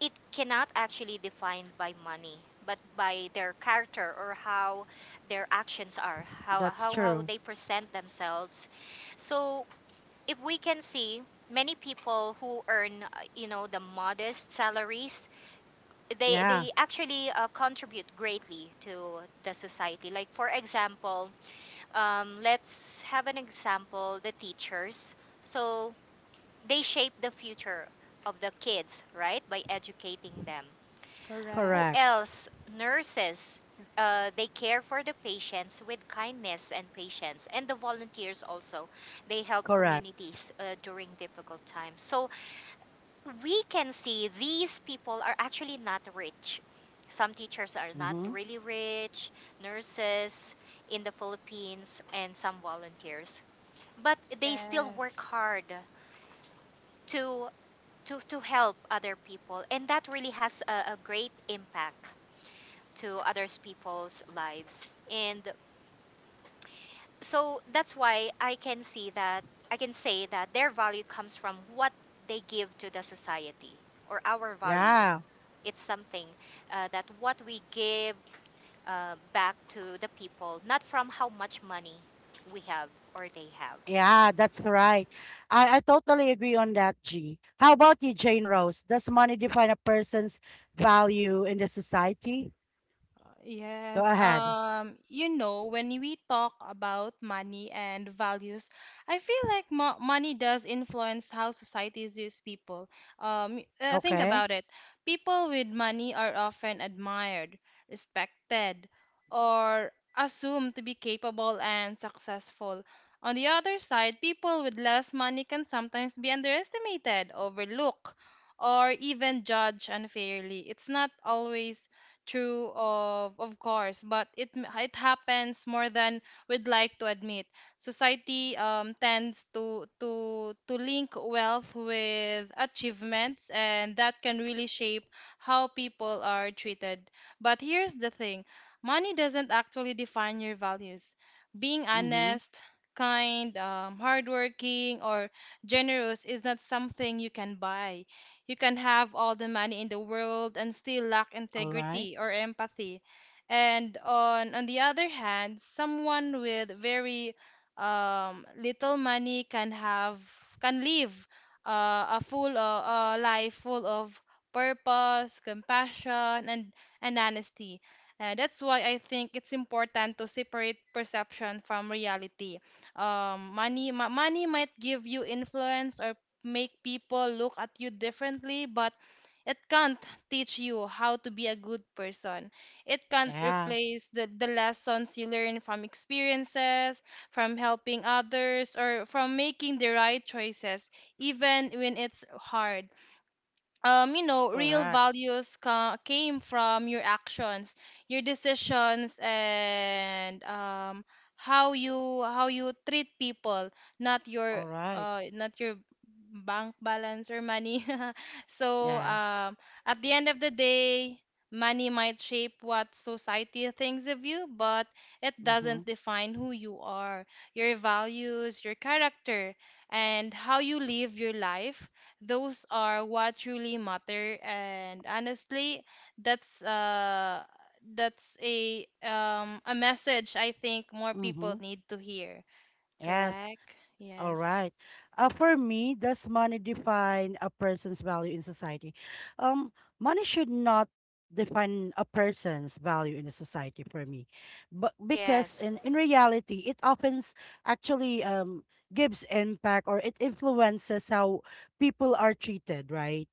[SPEAKER 2] it cannot actually defined by money, but by their character, or how their actions are,
[SPEAKER 1] That's
[SPEAKER 2] how
[SPEAKER 1] true.
[SPEAKER 2] they present themselves. So if we can see many people who earn you know the modest salaries,
[SPEAKER 1] Yeah,
[SPEAKER 2] they actually contribute greatly to the society. Like for example, let's have an example, the teachers. So they shape the future of the kids, right, by educating them. Who
[SPEAKER 3] Correct.
[SPEAKER 1] correct.
[SPEAKER 2] else? Nurses. They care for the patients with kindness and patience, and the volunteers also. They help
[SPEAKER 1] Correct.
[SPEAKER 2] communities during difficult times. So we can see these people are actually not rich. Some teachers are not
[SPEAKER 1] Mm-hmm.
[SPEAKER 2] really rich, nurses in the Philippines, and some volunteers. But they still work
[SPEAKER 3] Yes.
[SPEAKER 2] hard to to help other people, and that really has a great impact to others people's lives. And so that's why I can see that I can say that their value comes from what they give to the society, or our value.
[SPEAKER 1] Yeah.
[SPEAKER 2] It's something that what we give back to the people, not from how much money we have or they have.
[SPEAKER 1] Yeah, that's right. I totally agree on that, G. How about you, Jane Rose? Does money define a person's value in the society? Go
[SPEAKER 3] Yes,
[SPEAKER 1] ahead.
[SPEAKER 3] you know, when we talk about money and values, I feel like mo money does influence how society sees people. Think
[SPEAKER 1] Okay.
[SPEAKER 3] about it. People with money are often admired, respected, or assumed to be capable and successful. On the other side, people with less money can sometimes be underestimated, overlooked, or even judged unfairly. It's not always true, of course, but it happens more than we'd like to admit. Society tends to link wealth with achievements, and that can really shape how people are treated. But here's the thing, money doesn't actually define your values. Being
[SPEAKER 1] Mm-hmm.
[SPEAKER 3] honest, kind, hardworking, or generous is not something you can buy. You can have all the money in the world and still lack
[SPEAKER 1] All right.
[SPEAKER 3] integrity or empathy. And on the other hand, someone with very little money can have can live a life full of purpose, compassion, and honesty. That's why I think it's important to separate perception from reality. Money might give you influence or make people look at you differently, but it can't teach you how to be a good person. It can't
[SPEAKER 1] Yeah,
[SPEAKER 3] replace the lessons you learn from experiences, from helping others, or from making the right choices, even when it's hard. Real
[SPEAKER 1] correct.
[SPEAKER 3] values came from your actions, your decisions, and how you treat people, not your
[SPEAKER 1] All right.
[SPEAKER 3] not your bank balance or money. so
[SPEAKER 1] Yeah.
[SPEAKER 3] um, at the end of the day, money might shape what society thinks of you, but it
[SPEAKER 1] Mm-hmm.
[SPEAKER 3] doesn't define who you are, your values, your character, and how you live your life, those are what truly matter. And honestly, that's uh that's a message I think more people
[SPEAKER 1] Mm-hmm.
[SPEAKER 3] need to hear.
[SPEAKER 1] Yes.
[SPEAKER 3] Correct.
[SPEAKER 1] All
[SPEAKER 3] Yes.
[SPEAKER 1] right. For me, does money define a person's value in society? Um, Money should not define a person's value in a society for me, but because
[SPEAKER 2] Yes.
[SPEAKER 1] in reality, it often actually gives impact or it influences how people are treated, right?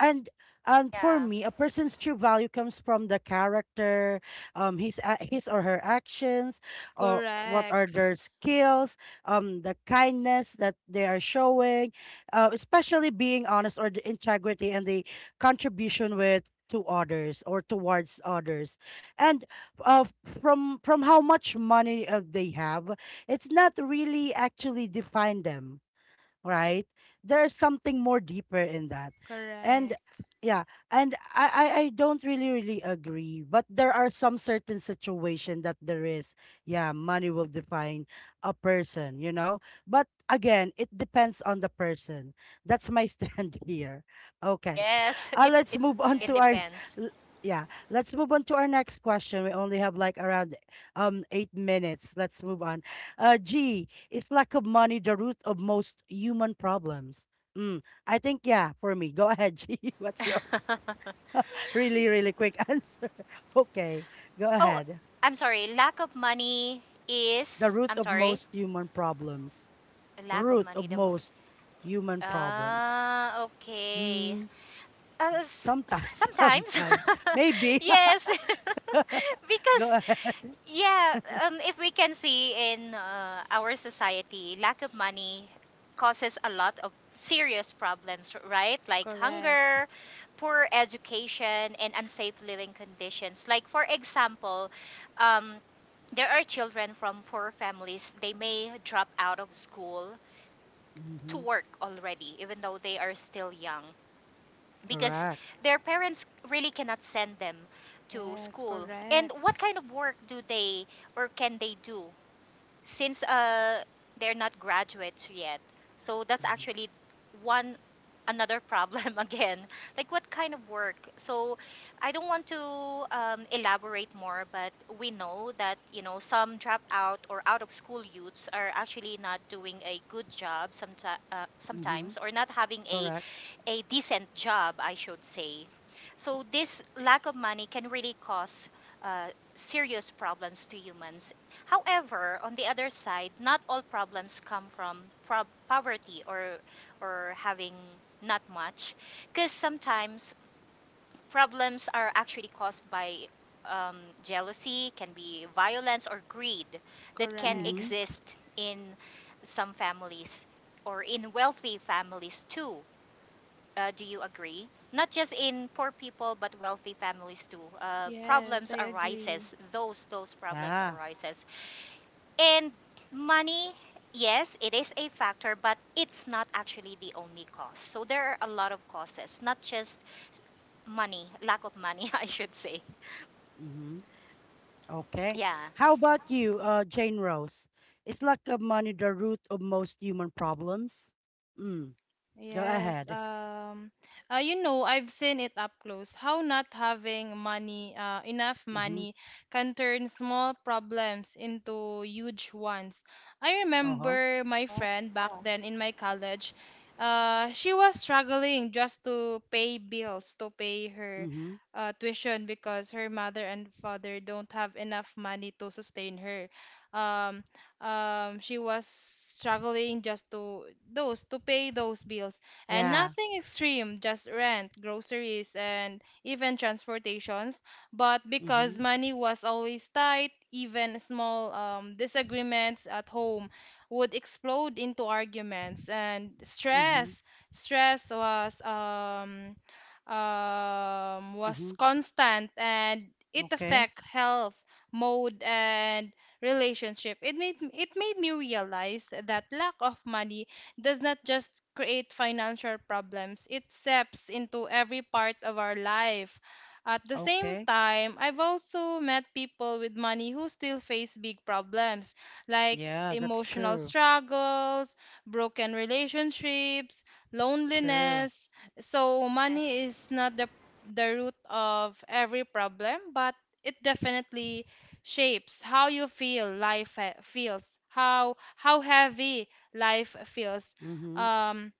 [SPEAKER 1] and and for
[SPEAKER 2] Yeah.
[SPEAKER 1] me, a person's true value comes from the character, his or her actions, or what are
[SPEAKER 3] Correct,
[SPEAKER 1] their skills, the kindness that they are showing, especially being honest, or the integrity and the contribution with to others or towards others. And from how much money they have, it's not really actually define them, right? There's something more deeper in that. And
[SPEAKER 3] correct,
[SPEAKER 1] yeah, and I I don't really really agree, but there are some certain situation that there is. Yeah, money will define a person, you know? But again, it depends on the person. That's my stand here. Okay.
[SPEAKER 2] Yes. It
[SPEAKER 1] Let's
[SPEAKER 2] it
[SPEAKER 1] move on
[SPEAKER 2] it
[SPEAKER 1] to
[SPEAKER 3] correct,
[SPEAKER 1] our
[SPEAKER 2] depends.
[SPEAKER 1] l- yeah, let's move on to our next question. We only have like around 8 minutes. Let's move on. Uh, G, it's lack of money the root of most human problems? Mm, I think, yeah, for me. Go ahead, G. What's yours? Really, really quick answer. Okay, go
[SPEAKER 2] Oh,
[SPEAKER 1] ahead.
[SPEAKER 2] I'm sorry. Lack of money
[SPEAKER 1] The
[SPEAKER 2] is
[SPEAKER 1] root
[SPEAKER 2] I'm
[SPEAKER 1] of
[SPEAKER 2] sorry.
[SPEAKER 1] most human problems.
[SPEAKER 2] Lack of
[SPEAKER 1] Root
[SPEAKER 2] money,
[SPEAKER 1] of
[SPEAKER 2] the mood.
[SPEAKER 1] most human problems.
[SPEAKER 2] Ah, okay.
[SPEAKER 1] Mm, sometimes,
[SPEAKER 2] Sometimes.
[SPEAKER 1] sometimes. Maybe.
[SPEAKER 2] Yes.
[SPEAKER 1] Go
[SPEAKER 2] Because
[SPEAKER 1] ahead.
[SPEAKER 2] yeah, if we can see in our society, lack of money causes a lot of serious problems, right? Like
[SPEAKER 3] correct,
[SPEAKER 2] hunger, poor education, and unsafe living conditions. Like, for example, um, there are children from poor families. They may drop out of school to
[SPEAKER 1] Mm-hmm.
[SPEAKER 2] work already, even though they are still young, because
[SPEAKER 1] Correct.
[SPEAKER 2] their parents really cannot send them to
[SPEAKER 3] yes,
[SPEAKER 2] school. And
[SPEAKER 3] correct,
[SPEAKER 2] what kind of work do they or can they do? Since they're not graduates yet. So that's
[SPEAKER 1] Mm-hmm.
[SPEAKER 2] actually one another problem again. Like what kind of work? So I don't want to elaborate more, but we know that, you know, some drop out or out of school youths are actually not doing a good job
[SPEAKER 1] Mm-hmm.
[SPEAKER 2] sometimes, or not having
[SPEAKER 1] Correct.
[SPEAKER 2] a decent job, I should say. So this lack of money can really cause uh, serious problems to humans. However, on the other side, not all problems come from poverty or having not much, because sometimes problems are actually caused by um, jealousy, can be violence or greed that can
[SPEAKER 1] Mm-hmm.
[SPEAKER 3] correct,
[SPEAKER 2] exist in some families or in wealthy families too. Do you agree? Not just in poor people, but wealthy families too.
[SPEAKER 3] yes,
[SPEAKER 2] Problems
[SPEAKER 3] I agree.
[SPEAKER 2] arises. Those problems
[SPEAKER 1] Yeah.
[SPEAKER 2] arises. And money, yes, it is a factor, but it's not actually the only cause. So there are a lot of causes, not just money, lack of money, I should say.
[SPEAKER 1] Mm-hmm. Okay.
[SPEAKER 2] Yeah.
[SPEAKER 1] How about you, Jane Rose? Is lack of money the root of most human problems? Mm. Go
[SPEAKER 3] Yes,
[SPEAKER 1] ahead.
[SPEAKER 3] you know, I've seen it up close how not having money, enough
[SPEAKER 1] Mm-hmm.
[SPEAKER 3] money, can turn small problems into huge ones. I
[SPEAKER 1] Uh-huh.
[SPEAKER 3] remember my
[SPEAKER 2] Oh,
[SPEAKER 3] friend back
[SPEAKER 2] wow.
[SPEAKER 3] then in my college, she was struggling just to pay bills, to pay her
[SPEAKER 1] Mm-hmm.
[SPEAKER 3] tuition because her mother and father don't have enough money to sustain her. Um, she was struggling just to those to pay those bills, and
[SPEAKER 1] Yeah.
[SPEAKER 3] nothing extreme, just rent, groceries, and even transportations. But
[SPEAKER 1] Mm-hmm.
[SPEAKER 3] because money was always tight, even small disagreements at home would explode into arguments and
[SPEAKER 1] Mm-hmm.
[SPEAKER 3] stress. Stress was
[SPEAKER 1] Mm-hmm.
[SPEAKER 3] constant and it
[SPEAKER 1] Okay.
[SPEAKER 3] affect health, mode, and relationship. It made me realize that lack of money does not just create financial problems. It seeps into every part of our life. At the same
[SPEAKER 1] Okay.
[SPEAKER 3] time, I've also met people with money who still face big problems like
[SPEAKER 1] Yeah, that's
[SPEAKER 3] emotional
[SPEAKER 1] true.
[SPEAKER 3] struggles, broken relationships,
[SPEAKER 1] True.
[SPEAKER 3] loneliness. So
[SPEAKER 2] Yes,
[SPEAKER 3] money is not the root of every problem, but it definitely shapes how you feels, how heavy life feels.
[SPEAKER 1] Mm-hmm.
[SPEAKER 3] Um,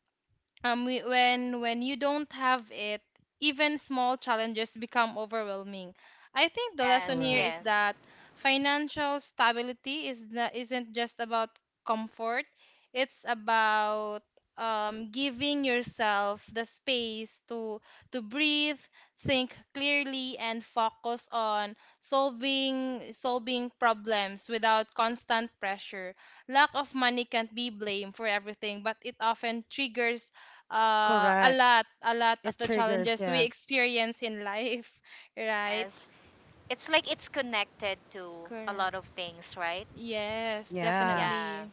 [SPEAKER 3] when you don't have it, even small challenges become overwhelming. I think the lesson
[SPEAKER 2] yes,
[SPEAKER 3] here
[SPEAKER 1] Correct.
[SPEAKER 3] is
[SPEAKER 2] yes,
[SPEAKER 3] that financial stability is not isn't just about comfort, it's about giving yourself the space to breathe, think clearly, and focus on solving problems without constant pressure. Lack of money can't be blamed for everything, but it often triggers
[SPEAKER 1] Correct.
[SPEAKER 3] a lot of
[SPEAKER 1] It
[SPEAKER 3] the
[SPEAKER 1] triggers,
[SPEAKER 3] challenges we
[SPEAKER 1] yes.
[SPEAKER 3] experience in life, right?
[SPEAKER 2] yes. It's like it's connected to a lot
[SPEAKER 3] Correct.
[SPEAKER 2] of things, right?
[SPEAKER 3] Yes,
[SPEAKER 1] Yeah.
[SPEAKER 2] Yeah,
[SPEAKER 3] definitely.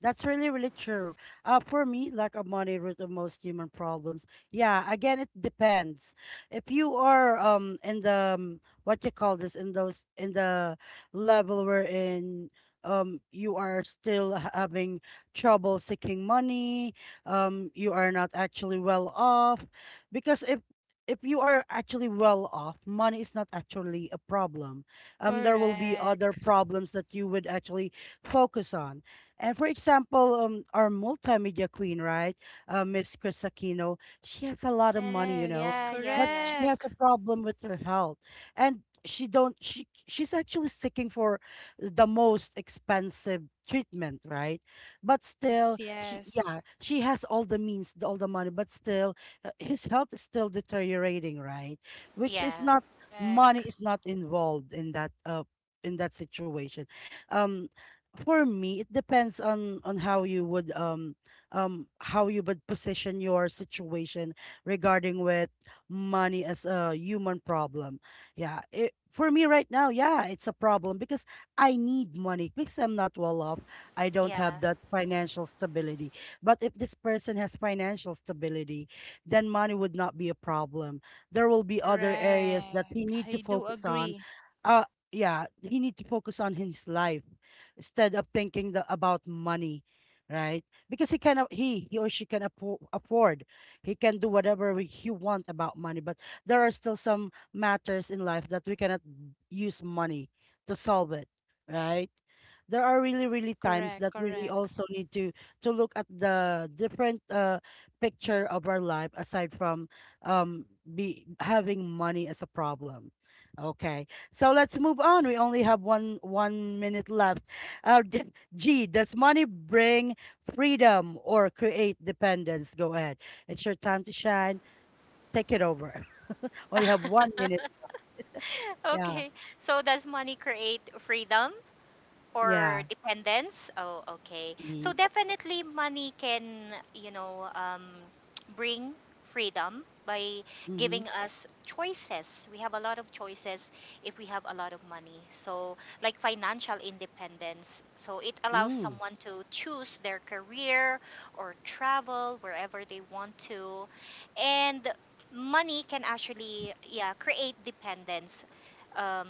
[SPEAKER 1] That's really, really true. For me, lack of money root of most human problems. Yeah, again, it depends. If you are in the what you call this in those in the level where in you are still having trouble seeking money, you are not actually well off, because if you are actually well off, money is not actually a problem. There will be other
[SPEAKER 3] Correct.
[SPEAKER 1] problems that you would actually focus on. And for example, our multimedia queen, right, Miss Chris Aquino, she has a lot of money, you know,
[SPEAKER 3] Yes,
[SPEAKER 2] yeah, yeah,
[SPEAKER 1] but
[SPEAKER 2] yeah,
[SPEAKER 1] she has
[SPEAKER 3] correct.
[SPEAKER 1] a problem with her health, and she don't she's actually seeking for the most expensive treatment, right? But
[SPEAKER 3] Yes,
[SPEAKER 1] still, she
[SPEAKER 3] yes.
[SPEAKER 1] yeah, she has all the means, all the money, but still, his health is still deteriorating, right? Which
[SPEAKER 2] yeah.
[SPEAKER 1] is not money
[SPEAKER 3] Correct.
[SPEAKER 1] is not involved in that situation. Um, for me, it depends on how you would position your situation regarding with money as a human problem. Yeah, it, for me right now, yeah, it's a problem because I need money because I'm not well off. I don't
[SPEAKER 2] Yeah.
[SPEAKER 1] have that financial stability, but if this person has financial stability, then money would not be a problem. There will be other areas that
[SPEAKER 3] Correct.
[SPEAKER 1] he need to
[SPEAKER 3] I do
[SPEAKER 1] focus on.
[SPEAKER 3] agree.
[SPEAKER 1] uh yeah, he need to focus on his life instead of thinking the, about money, right? Because he or she can afford, he can do whatever he want about money. But there are still some matters in life that we cannot use money to solve it, right? There are really really times
[SPEAKER 3] Correct,
[SPEAKER 1] that we really
[SPEAKER 3] correct,
[SPEAKER 1] also need to look at the different picture of our life aside from um be having money as a problem. Okay. So let's move on, we only have one minute left. Uh, G, does money bring freedom or create dependence? Go ahead. It's your time to shine. Take it over. Only have one minute. Yeah.
[SPEAKER 2] okay. So does money create freedom or
[SPEAKER 1] Yeah.
[SPEAKER 2] dependence? Oh okay, so
[SPEAKER 1] Mm-hmm.
[SPEAKER 2] definitely money can, you know, bring freedom by
[SPEAKER 1] Mm-hmm.
[SPEAKER 2] giving us choices. We have a lot of choices if we have a lot of money. So like financial independence, so it allows
[SPEAKER 1] Mm,
[SPEAKER 2] someone to choose their career or travel wherever they want to, and money can actually yeah create dependence, um,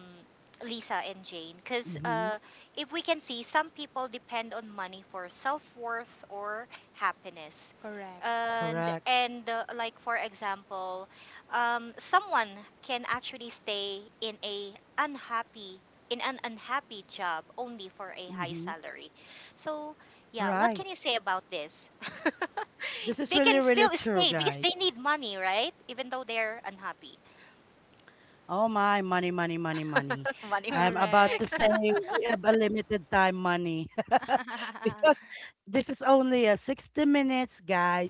[SPEAKER 2] Lisa and Jane, because
[SPEAKER 1] Mm-hmm.
[SPEAKER 2] if we can see, some people depend on money for self worth or happiness.
[SPEAKER 3] correct,
[SPEAKER 1] Correct.
[SPEAKER 2] And like, for example, someone can actually stay in a unhappy in an unhappy job only for a high
[SPEAKER 1] Mm-hmm.
[SPEAKER 2] salary. So, yeah, what
[SPEAKER 1] Right.
[SPEAKER 2] can you say about this?
[SPEAKER 1] This is
[SPEAKER 2] They
[SPEAKER 1] really,
[SPEAKER 2] can
[SPEAKER 1] really
[SPEAKER 2] still
[SPEAKER 1] true,
[SPEAKER 2] stay because they
[SPEAKER 1] guys.
[SPEAKER 2] need money, right? Even though they're unhappy.
[SPEAKER 1] Oh my, money, money, money, money.
[SPEAKER 2] money,
[SPEAKER 1] I'm
[SPEAKER 2] money.
[SPEAKER 1] about to
[SPEAKER 3] correct.
[SPEAKER 1] say we have a limited time money because this is only a 60 minutes,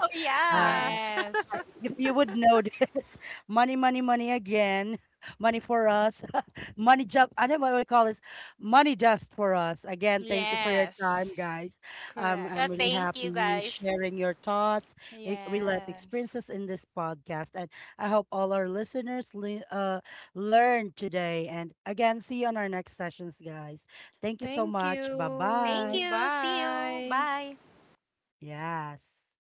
[SPEAKER 2] Oh
[SPEAKER 1] Uh,
[SPEAKER 2] yeah.
[SPEAKER 3] Yes,
[SPEAKER 1] I- if you would notice, money, money, money again. Money for us. Money job. I don't know what we call this. Money just for us. Again, thank you for your time,
[SPEAKER 3] yes.
[SPEAKER 1] guys.
[SPEAKER 2] yeah,
[SPEAKER 1] I'm
[SPEAKER 3] Correct.
[SPEAKER 1] really
[SPEAKER 2] thank
[SPEAKER 1] happy
[SPEAKER 2] you
[SPEAKER 1] you
[SPEAKER 2] guys.
[SPEAKER 1] sharing your thoughts, real life
[SPEAKER 3] Yes.
[SPEAKER 1] experiences in this podcast. And I hope all our listeners learn today. And again, see you on our next sessions, guys. Thank you so
[SPEAKER 3] Thank
[SPEAKER 1] much. Bye
[SPEAKER 2] Thank
[SPEAKER 3] you.
[SPEAKER 1] bye.
[SPEAKER 2] you. See you.
[SPEAKER 3] Bye.
[SPEAKER 2] Bye.
[SPEAKER 1] Yes.